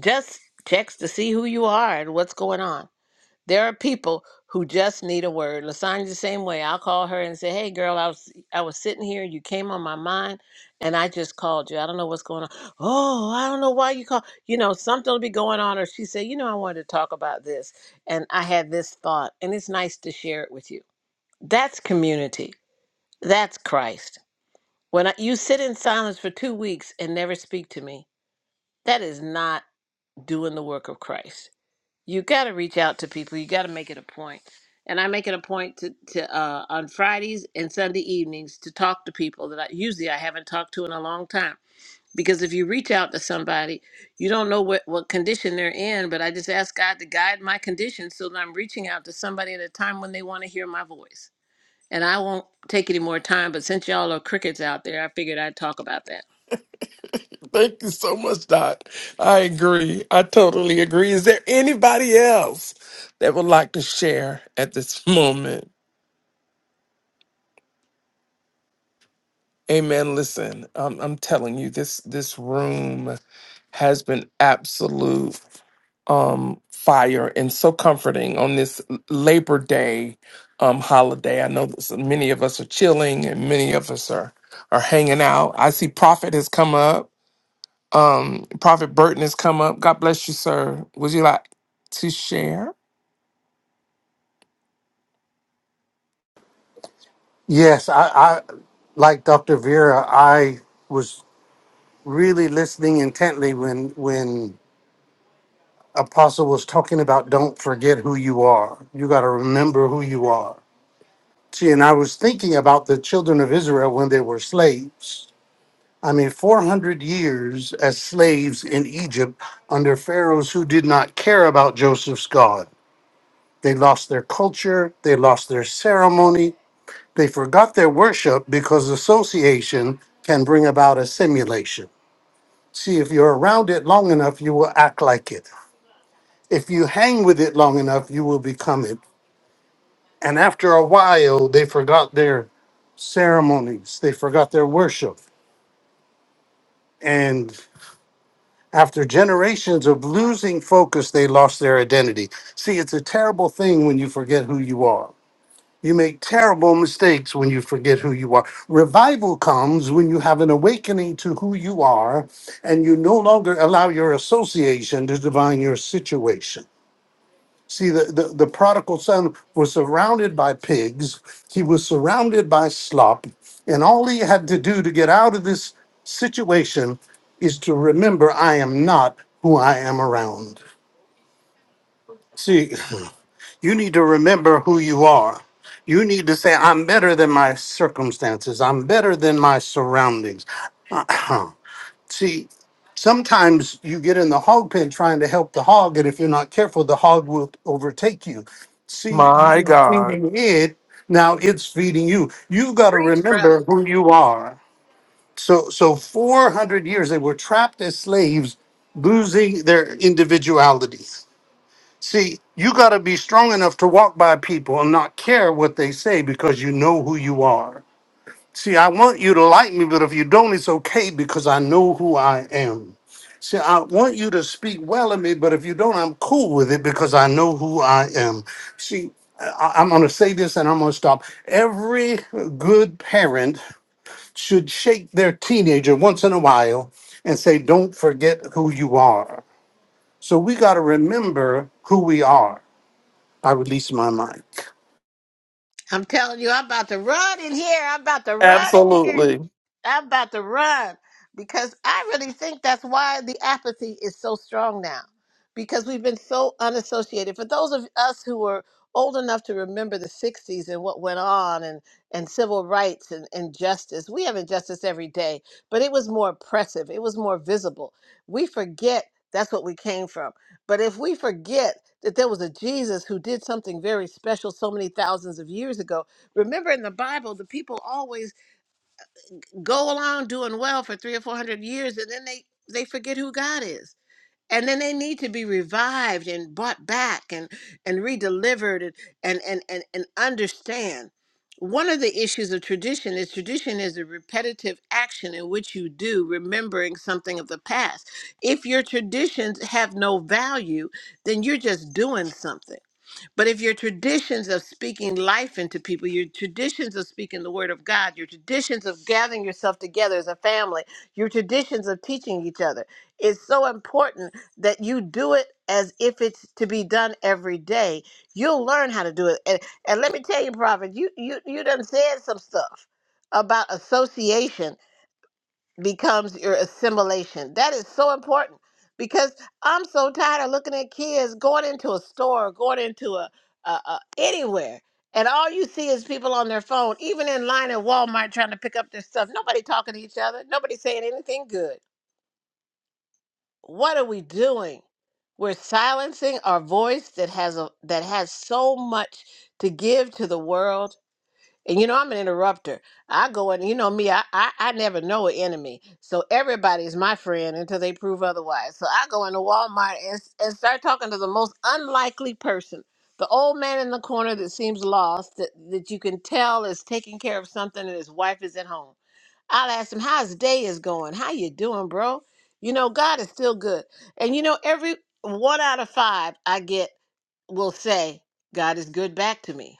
S5: just text to see who you are and what's going on. There are people who just need a word. Lasagna's the same way. I'll call her and say, "Hey, girl, I was I was sitting here. You came on my mind, and I just called you. I don't know what's going on. Oh, I don't know why you call. You know, something will be going on." Or she said, "You know, I wanted to talk about this, and I had this thought, and it's nice to share it with you." That's community. That's Christ. When I, you sit in silence for two weeks and never speak to me, that is not doing the work of Christ you got to reach out to people. You got to make it a point. And I make it a point to, to uh, on Fridays and Sunday evenings to talk to people that I, usually I haven't talked to in a long time. Because if you reach out to somebody, you don't know what, what condition they're in, but I just ask God to guide my condition so that I'm reaching out to somebody at a time when they want to hear my voice. And I won't take any more time, but since y'all are crickets out there, I figured I'd talk about that.
S1: Thank you so much, Doc. I agree. I totally agree. Is there anybody else that would like to share at this moment? Amen. Listen, um, I'm telling you, this this room has been absolute um fire and so comforting on this Labor Day um holiday. I know this, many of us are chilling and many of us are are hanging out. I see Prophet has come up. Um Prophet Burton has come up. God bless you, sir. Would you like to share?
S8: Yes, I, I like Dr. Vera, I was really listening intently when when Apostle was talking about don't forget who you are. You got to remember who you are. See, and I was thinking about the children of Israel when they were slaves. I mean, 400 years as slaves in Egypt under pharaohs who did not care about Joseph's God. They lost their culture, they lost their ceremony, They forgot their worship because association can bring about a simulation. See, if you're around it long enough, you will act like it. If you hang with it long enough, you will become it. And after a while, they forgot their ceremonies, they forgot their worship. And after generations of losing focus, they lost their identity. See, it's a terrible thing when you forget who you are. You make terrible mistakes when you forget who you are. Revival comes when you have an awakening to who you are and you no longer allow your association to define your situation. See, the, the, the prodigal son was surrounded by pigs, he was surrounded by slop, and all he had to do to get out of this situation is to remember I am not who I am around. See, You need to remember who you are. You need to say, I'm better than my circumstances. I'm better than my surroundings. See, sometimes you get in the hog pen trying to help the hog, and if you're not careful, the hog will overtake you. See, you
S1: My
S8: were
S1: God.
S8: feeding it, now it's feeding you. You've got to
S5: Preach, brother.
S8: remember who you are. So, so 400 years they were trapped as slaves, losing their individuality. See, you got to be strong enough to walk by people and not care what they say because you know who you are. See, I want you to like me, but if you don't, it's okay because I know who I am. See, I want you to speak well of me, but if you don't, I'm cool with it because I know who I am. See, I- I'm going to say this and I'm going to stop. Every good parent should shake their teenager once in a while and say, Don't forget who you are. So we got to remember who we are. I release my mic.
S5: I'm telling you, I'm about to run in here. I'm about to run in here.
S1: Absolutely.
S5: I'm about to run because I really think that's why the apathy is so strong now because we've been so unassociated. For those of us who were old enough to remember the 60s and what went on and, and civil rights and, and justice, we have injustice every day, but it was more oppressive, it was more visible. We forget that's what we came from. But if we forget that there was a Jesus who did something very special so many thousands of years ago, remember in the Bible, the people always go along doing well for three or four hundred years and then they they forget who god is and then they need to be revived and brought back and and redelivered and and and and, and understand one of the issues of tradition is tradition is a repetitive action in which you do remembering something of the past. If your traditions have no value, then you're just doing something but if your traditions of speaking life into people, your traditions of speaking the word of God, your traditions of gathering yourself together as a family, your traditions of teaching each other, it's so important that you do it as if it's to be done every day. You'll learn how to do it. And, and let me tell you, Prophet, you you you done said some stuff about association becomes your assimilation. That is so important because I'm so tired of looking at kids going into a store, going into a, a, a anywhere, and all you see is people on their phone, even in line at Walmart trying to pick up their stuff. Nobody talking to each other. Nobody saying anything good. What are we doing? We're silencing our voice that has a that has so much to give to the world and you know, I'm an interrupter. I go and you know me, I, I I never know an enemy. So everybody's my friend until they prove otherwise. So I go into Walmart and, s- and start talking to the most unlikely person. The old man in the corner that seems lost, that, that you can tell is taking care of something and his wife is at home. I'll ask him how his day is going. How you doing, bro? You know, God is still good. And you know, every one out of five I get will say, God is good back to me.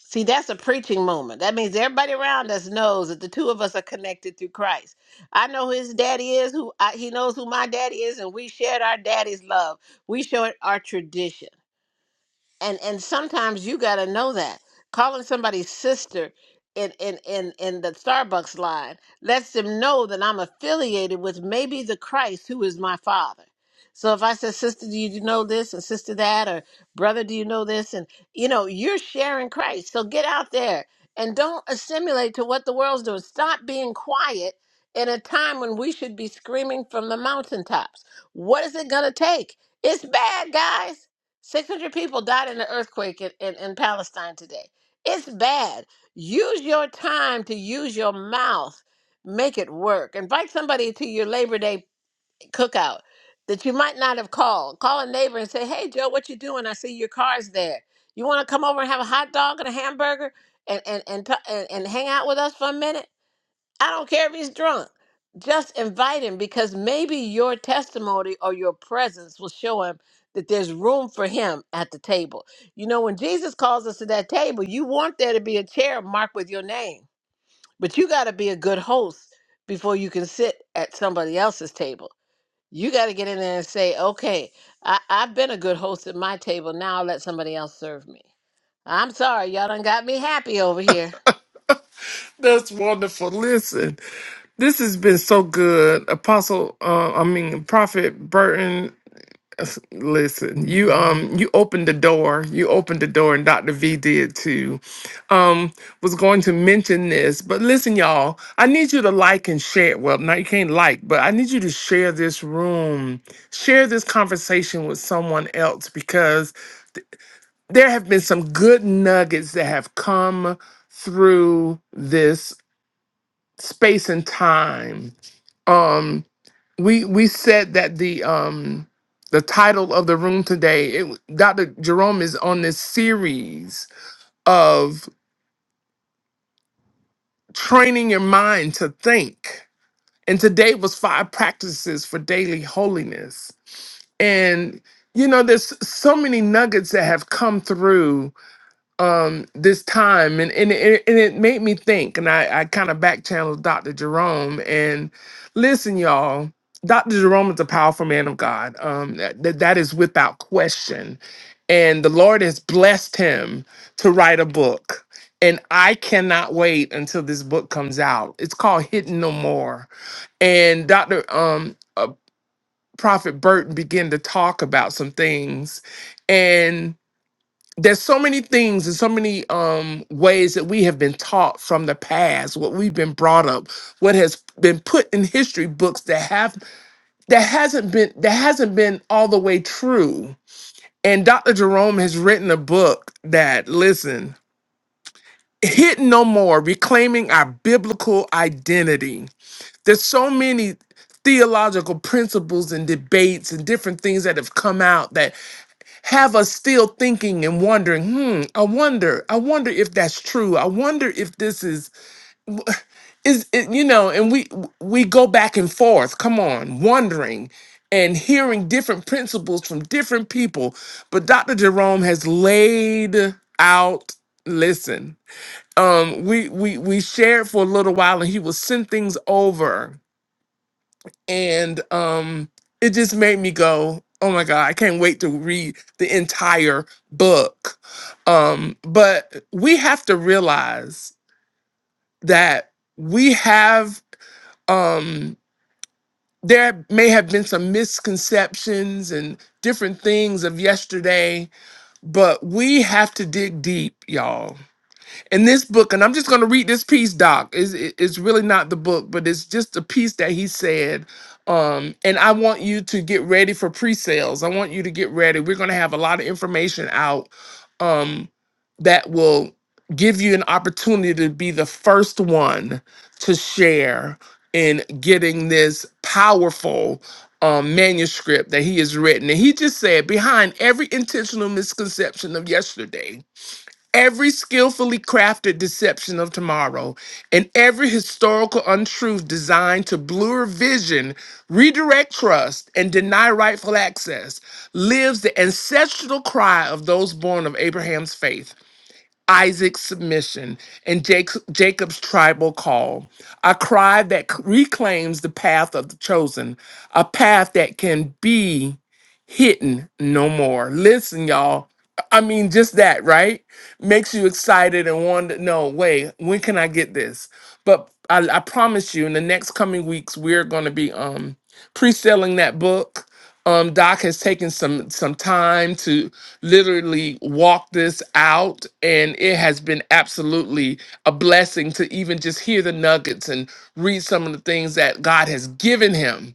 S5: See, that's a preaching moment. That means everybody around us knows that the two of us are connected through Christ. I know who his daddy is, who I, he knows who my daddy is, and we shared our daddy's love. We shared our tradition and and sometimes you got to know that calling somebody sister in in in in the Starbucks line lets them know that I'm affiliated with maybe the Christ who is my father. So if I said, "Sister, do you know this?" and "Sister that," or "Brother, do you know this?" and you know, you're sharing Christ. So get out there and don't assimilate to what the world's doing. Stop being quiet in a time when we should be screaming from the mountaintops. What is it going to take? It's bad, guys. 600 people died in the earthquake in, in, in Palestine today. It's bad. Use your time to use your mouth. Make it work. Invite somebody to your Labor Day cookout that you might not have called. Call a neighbor and say, hey, Joe, what you doing? I see your car's there. You want to come over and have a hot dog and a hamburger and, and, and, t- and, and hang out with us for a minute? I don't care if he's drunk. Just invite him because maybe your testimony or your presence will show him that there's room for him at the table. You know, when Jesus calls us to that table, you want there to be a chair marked with your name, but you got to be a good host before you can sit at somebody else's table. You got to get in there and say, okay, I, I've been a good host at my table. Now I'll let somebody else serve me. I'm sorry, y'all done got me happy over here.
S1: That's wonderful. Listen, this has been so good. Apostle, uh, I mean, Prophet Burton, uh, listen, you um you opened the door. You opened the door and Dr. V did too. Um was going to mention this, but listen y'all, I need you to like and share. Well, now you can't like, but I need you to share this room. Share this conversation with someone else because there have been some good nuggets that have come through this space and time. Um, we we said that the um, the title of the room today, it, Dr. Jerome is on this series of training your mind to think, and today was five practices for daily holiness. And you know, there's so many nuggets that have come through um this time and and it, and it made me think and i i kind of back channeled dr jerome and listen y'all dr jerome is a powerful man of god um that, that is without question and the lord has blessed him to write a book and i cannot wait until this book comes out it's called hidden no more and dr um uh, prophet burton began to talk about some things there's so many things and so many um ways that we have been taught from the past what we've been brought up what has been put in history books that have that hasn't been that hasn't been all the way true and dr jerome has written a book that listen hidden no more reclaiming our biblical identity there's so many theological principles and debates and different things that have come out that have us still thinking and wondering hmm i wonder i wonder if that's true i wonder if this is is it, you know and we we go back and forth come on wondering and hearing different principles from different people but dr jerome has laid out listen um we we we shared for a little while and he will send things over and um it just made me go oh my god i can't wait to read the entire book um but we have to realize that we have um there may have been some misconceptions and different things of yesterday but we have to dig deep y'all in this book, and I'm just going to read this piece, Doc. It's, it- it's really not the book, but it's just a piece that he said. Um, and I want you to get ready for pre sales. I want you to get ready. We're going to have a lot of information out um, that will give you an opportunity to be the first one to share in getting this powerful um, manuscript that he has written. And he just said, behind every intentional misconception of yesterday every skillfully crafted deception of tomorrow and every historical untruth designed to blur vision, redirect trust, and deny rightful access lives the ancestral cry of those born of Abraham's faith. Isaac's submission, and Jake's, Jacob's tribal call, a cry that c- reclaims the path of the chosen, a path that can be hidden no more. Listen, y'all. I mean, just that, right? Makes you excited and want to know, wait, when can I get this? But I, I promise you, in the next coming weeks, we're going to be um pre-selling that book. Um, Doc has taken some some time to literally walk this out, and it has been absolutely a blessing to even just hear the nuggets and read some of the things that God has given him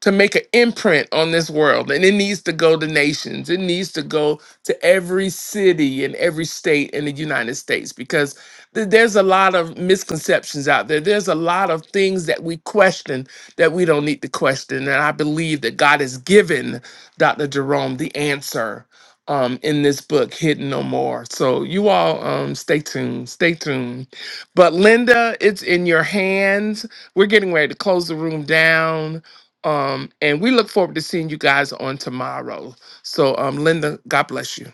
S1: to make an imprint on this world and it needs to go to nations it needs to go to every city and every state in the united states because th- there's a lot of misconceptions out there there's a lot of things that we question that we don't need to question and i believe that god has given dr jerome the answer um, in this book hidden no more so you all um, stay tuned stay tuned but linda it's in your hands we're getting ready to close the room down um, and we look forward to seeing you guys on tomorrow. So, um, Linda, God bless you.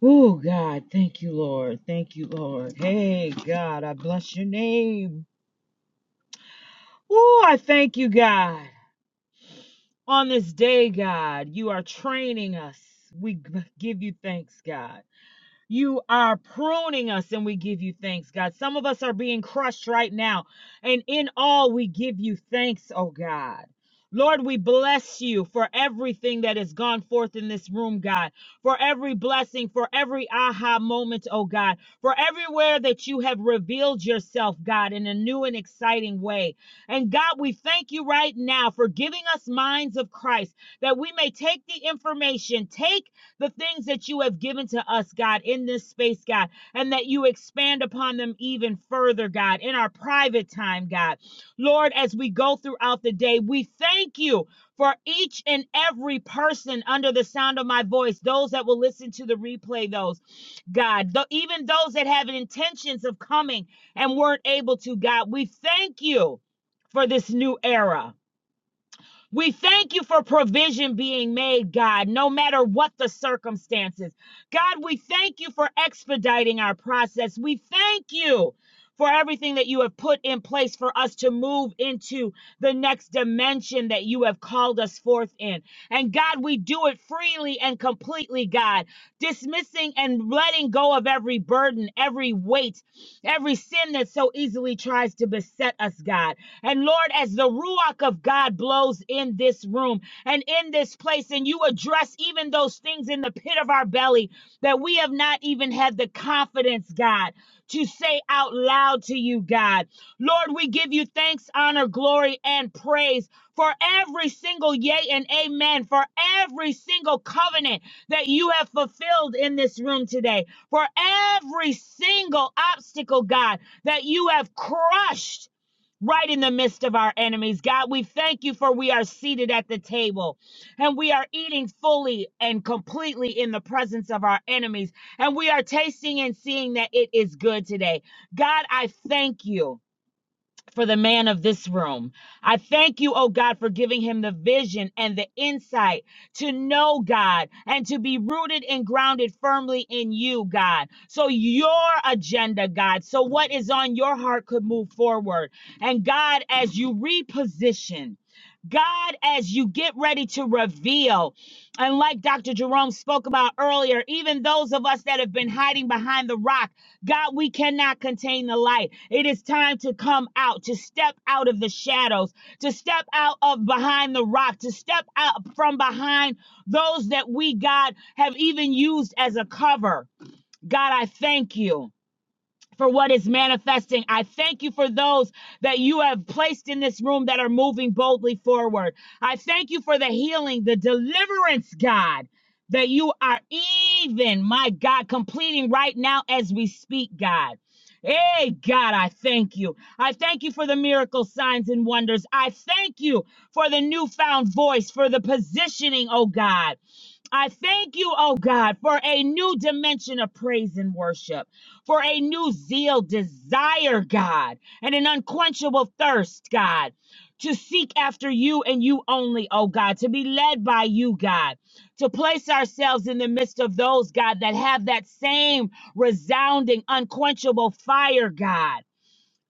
S9: Oh, God. Thank you, Lord. Thank you, Lord. Hey, God, I bless your name. Oh, I thank you, God. On this day, God, you are training us. We g- give you thanks, God. You are pruning us and we give you thanks, God. Some of us are being crushed right now, and in all we give you thanks, oh God. Lord, we bless you for everything that has gone forth in this room, God, for every blessing, for every aha moment, oh God, for everywhere that you have revealed yourself, God, in a new and exciting way. And God, we thank you right now for giving us minds of Christ that we may take the information, take the things that you have given to us, God, in this space, God, and that you expand upon them even further, God, in our private time, God. Lord, as we go throughout the day, we thank you for each and every person under the sound of my voice, those that will listen to the replay, those, God, though, even those that have intentions of coming and weren't able to, God, we thank you for this new era. We thank you for provision being made, God, no matter what the circumstances. God, we thank you for expediting our process. We thank you for everything that you have put in place for us to move into the next dimension that you have called us forth in. And God, we do it freely and completely, God, dismissing and letting go of every burden, every weight every sin that so easily tries to beset us, God. And Lord, as the Ruach of God blows in this room and in this place, and you address even those things in the pit of our belly that we have not even had the confidence, God, to say out loud to you, God. Lord, we give you thanks, honor, glory, and praise for every single yay and amen, for every single covenant that you have fulfilled in this room today for every single obstacle, God, that you have crushed right in the midst of our enemies. God, we thank you for we are seated at the table and we are eating fully and completely in the presence of our enemies. And we are tasting and seeing that it is good today. God, I thank you for the man of this room. I thank you, oh God, for giving him the vision and the insight to know God and to be rooted and grounded firmly in you, God. So your agenda, God, so what is on your heart could move forward. And God, as you reposition, God, as you get ready to reveal, and like Dr. Jerome spoke about earlier, even those of us that have been hiding behind the rock. God, we cannot contain the light. It is time to come out, to step out of the shadows, to step out of behind the rock, to step out from behind those that we, God, have even used as a cover. God, I thank you for what is manifesting. I thank you for those that you have placed in this room that are moving boldly forward. I thank you for the healing, the deliverance, God, that you are even, my God, completing right now as we speak, God. Hey, God, I thank you. I thank you for the miracle signs and wonders. I thank you for the newfound voice, for the positioning, oh God. I thank you, oh God, for a new dimension of praise and worship, for a new zeal, desire, God, and an unquenchable thirst, God, to seek after you and you only, oh God, to be led by you, God, to place ourselves in the midst of those, God, that have that same resounding, unquenchable fire, God.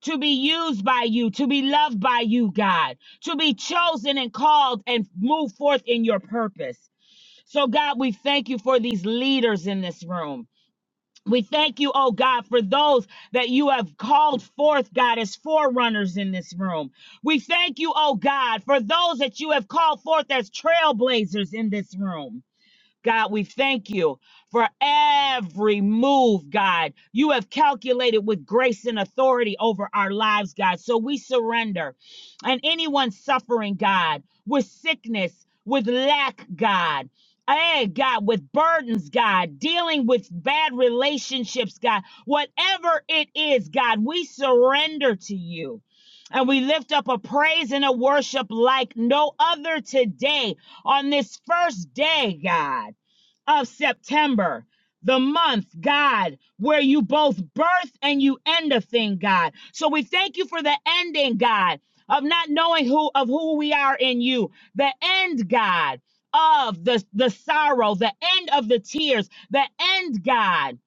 S9: To be used by you, to be loved by you, God, to be chosen and called and move forth in your purpose. So, God, we thank you for these leaders in this room. We thank you, oh God, for those that you have called forth, God, as forerunners in this room. We thank you, oh God, for those that you have called forth as trailblazers in this room. God, we thank you for every move, God. You have calculated with grace and authority over our lives, God. So we surrender. And anyone suffering, God, with sickness, with lack, God. Hey, God, with burdens, God, dealing with bad relationships, God, whatever it is, God, we surrender to you. And we lift up a praise and a worship like no other today on this first day, God of September. The month, God, where you both birth and you end a thing, God. So we thank you for the ending, God, of not knowing who of who we are in you. The end, God, of the, the sorrow, the end of the tears, the end, God,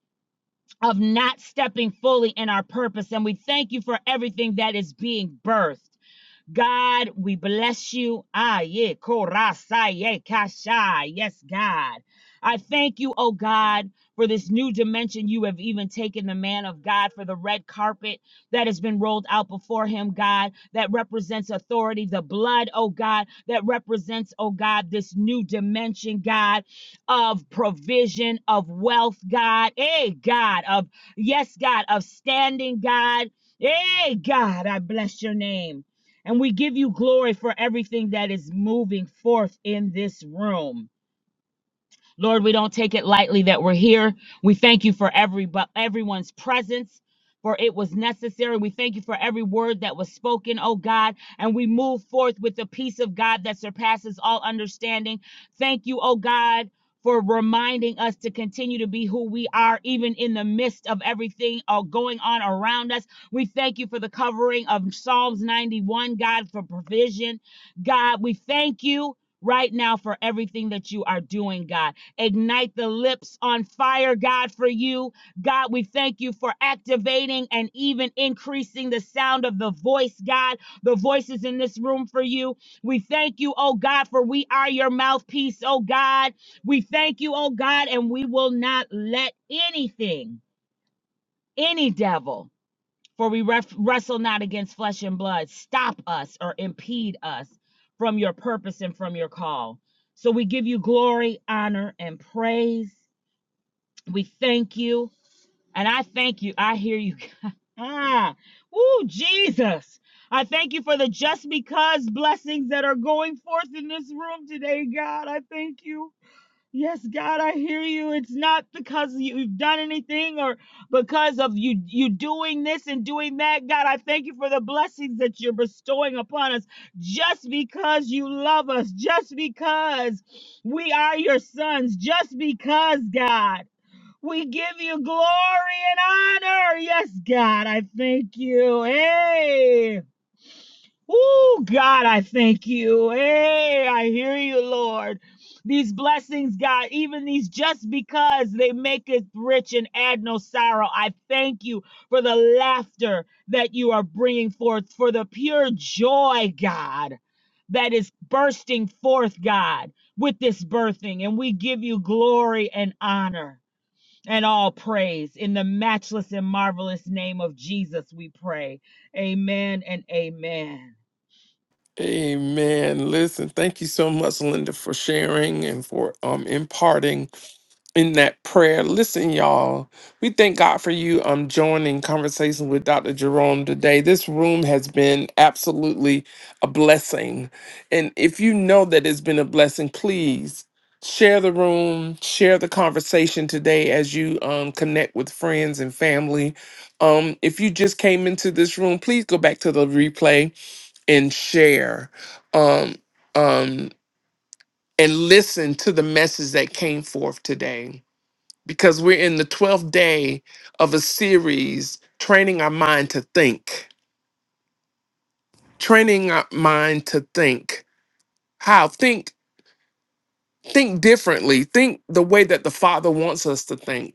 S9: of not stepping fully in our purpose. And we thank you for everything that is being birthed. God, we bless you. Ah, yeah, korasa, yeah, kasha. Yes, God. I thank you, oh God, for this new dimension you have even taken the man of God for the red carpet that has been rolled out before him, God, that represents authority, the blood, oh God, that represents, oh God, this new dimension, God, of provision, of wealth, God, hey, God, of, yes, God, of standing, God, hey, God, I bless your name. And we give you glory for everything that is moving forth in this room. Lord, we don't take it lightly that we're here. We thank you for every but everyone's presence. For it was necessary. We thank you for every word that was spoken, oh God, and we move forth with the peace of God that surpasses all understanding. Thank you, oh God, for reminding us to continue to be who we are, even in the midst of everything uh, going on around us. We thank you for the covering of Psalms 91, God, for provision. God, we thank you right now for everything that you are doing, God. Ignite the lips on fire, God, for you. God, we thank you for activating and even increasing the sound of the voice, God, the voices in this room for you. We thank you, oh God, for we are your mouthpiece, oh God. We thank you, oh God, and we will not let anything, any devil, for we ref- wrestle not against flesh and blood, stop us or impede us from your purpose and from your call. So we give you glory, honor, and praise. We thank you. And I thank you. I hear you. ah, woo, Jesus. I thank you for the just because blessings that are going forth in this room today, God. I thank you. Yes, God, I hear you. It's not because you've done anything or because of you you doing this and doing that. God, I thank you for the blessings that you're bestowing upon us just because you love us, just because we are your sons, just because, God. We give you glory and honor. Yes, God, I thank you. Hey. Oh, God, I thank you. Hey, I hear you, Lord. These blessings, God, even these just because they make us rich and add no sorrow. I thank you for the laughter that you are bringing forth, for the pure joy, God, that is bursting forth, God, with this birthing. And we give you glory and honor and all praise. In the matchless and marvelous name of Jesus, we pray. Amen and amen.
S1: Amen. Listen, thank you so much, Linda, for sharing and for um imparting in that prayer. Listen, y'all, we thank God for you um joining conversation with Dr. Jerome today. This room has been absolutely a blessing. And if you know that it's been a blessing, please share the room, share the conversation today as you um connect with friends and family. Um if you just came into this room, please go back to the replay and share um um and listen to the message that came forth today because we're in the 12th day of a series training our mind to think training our mind to think how think think differently think the way that the father wants us to think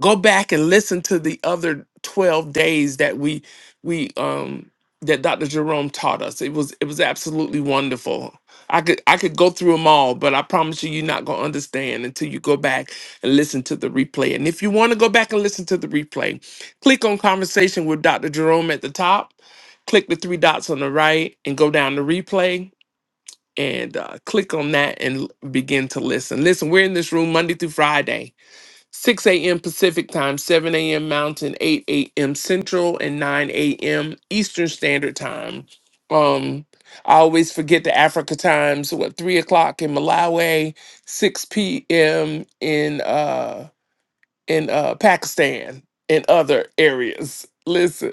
S1: go back and listen to the other 12 days that we we um that Dr. Jerome taught us. It was it was absolutely wonderful. I could I could go through them all, but I promise you you're not going to understand until you go back and listen to the replay. And if you want to go back and listen to the replay, click on conversation with Dr. Jerome at the top, click the three dots on the right and go down to replay and uh, click on that and l- begin to listen. Listen, we're in this room Monday through Friday 6 a.m. Pacific Time, 7 a.m. Mountain, 8 a.m. Central, and 9 a.m. Eastern Standard Time. Um, I always forget the Africa times. What three o'clock in Malawi, 6 p.m. in uh in uh Pakistan and other areas. listen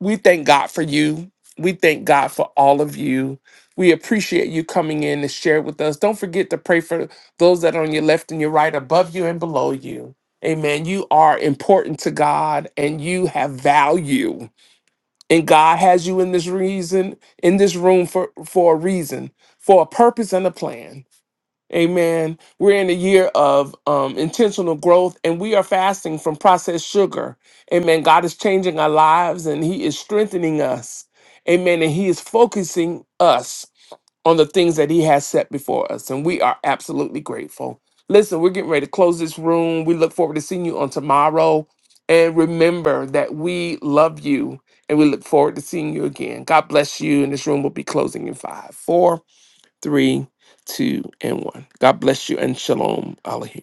S1: we thank God for you. We thank God for all of you. We appreciate you coming in to share with us. Don't forget to pray for those that are on your left and your right, above you and below you. Amen. You are important to God and you have value. And God has you in this reason, in this room for, for a reason, for a purpose and a plan. Amen. We're in a year of um, intentional growth and we are fasting from processed sugar. Amen. God is changing our lives and He is strengthening us. Amen. And He is focusing us on the things that He has set before us. And we are absolutely grateful. Listen, we're getting ready to close this room. We look forward to seeing you on tomorrow. And remember that we love you and we look forward to seeing you again. God bless you. And this room will be closing in five, four three, two, and one. God bless you and shalom, Alehi.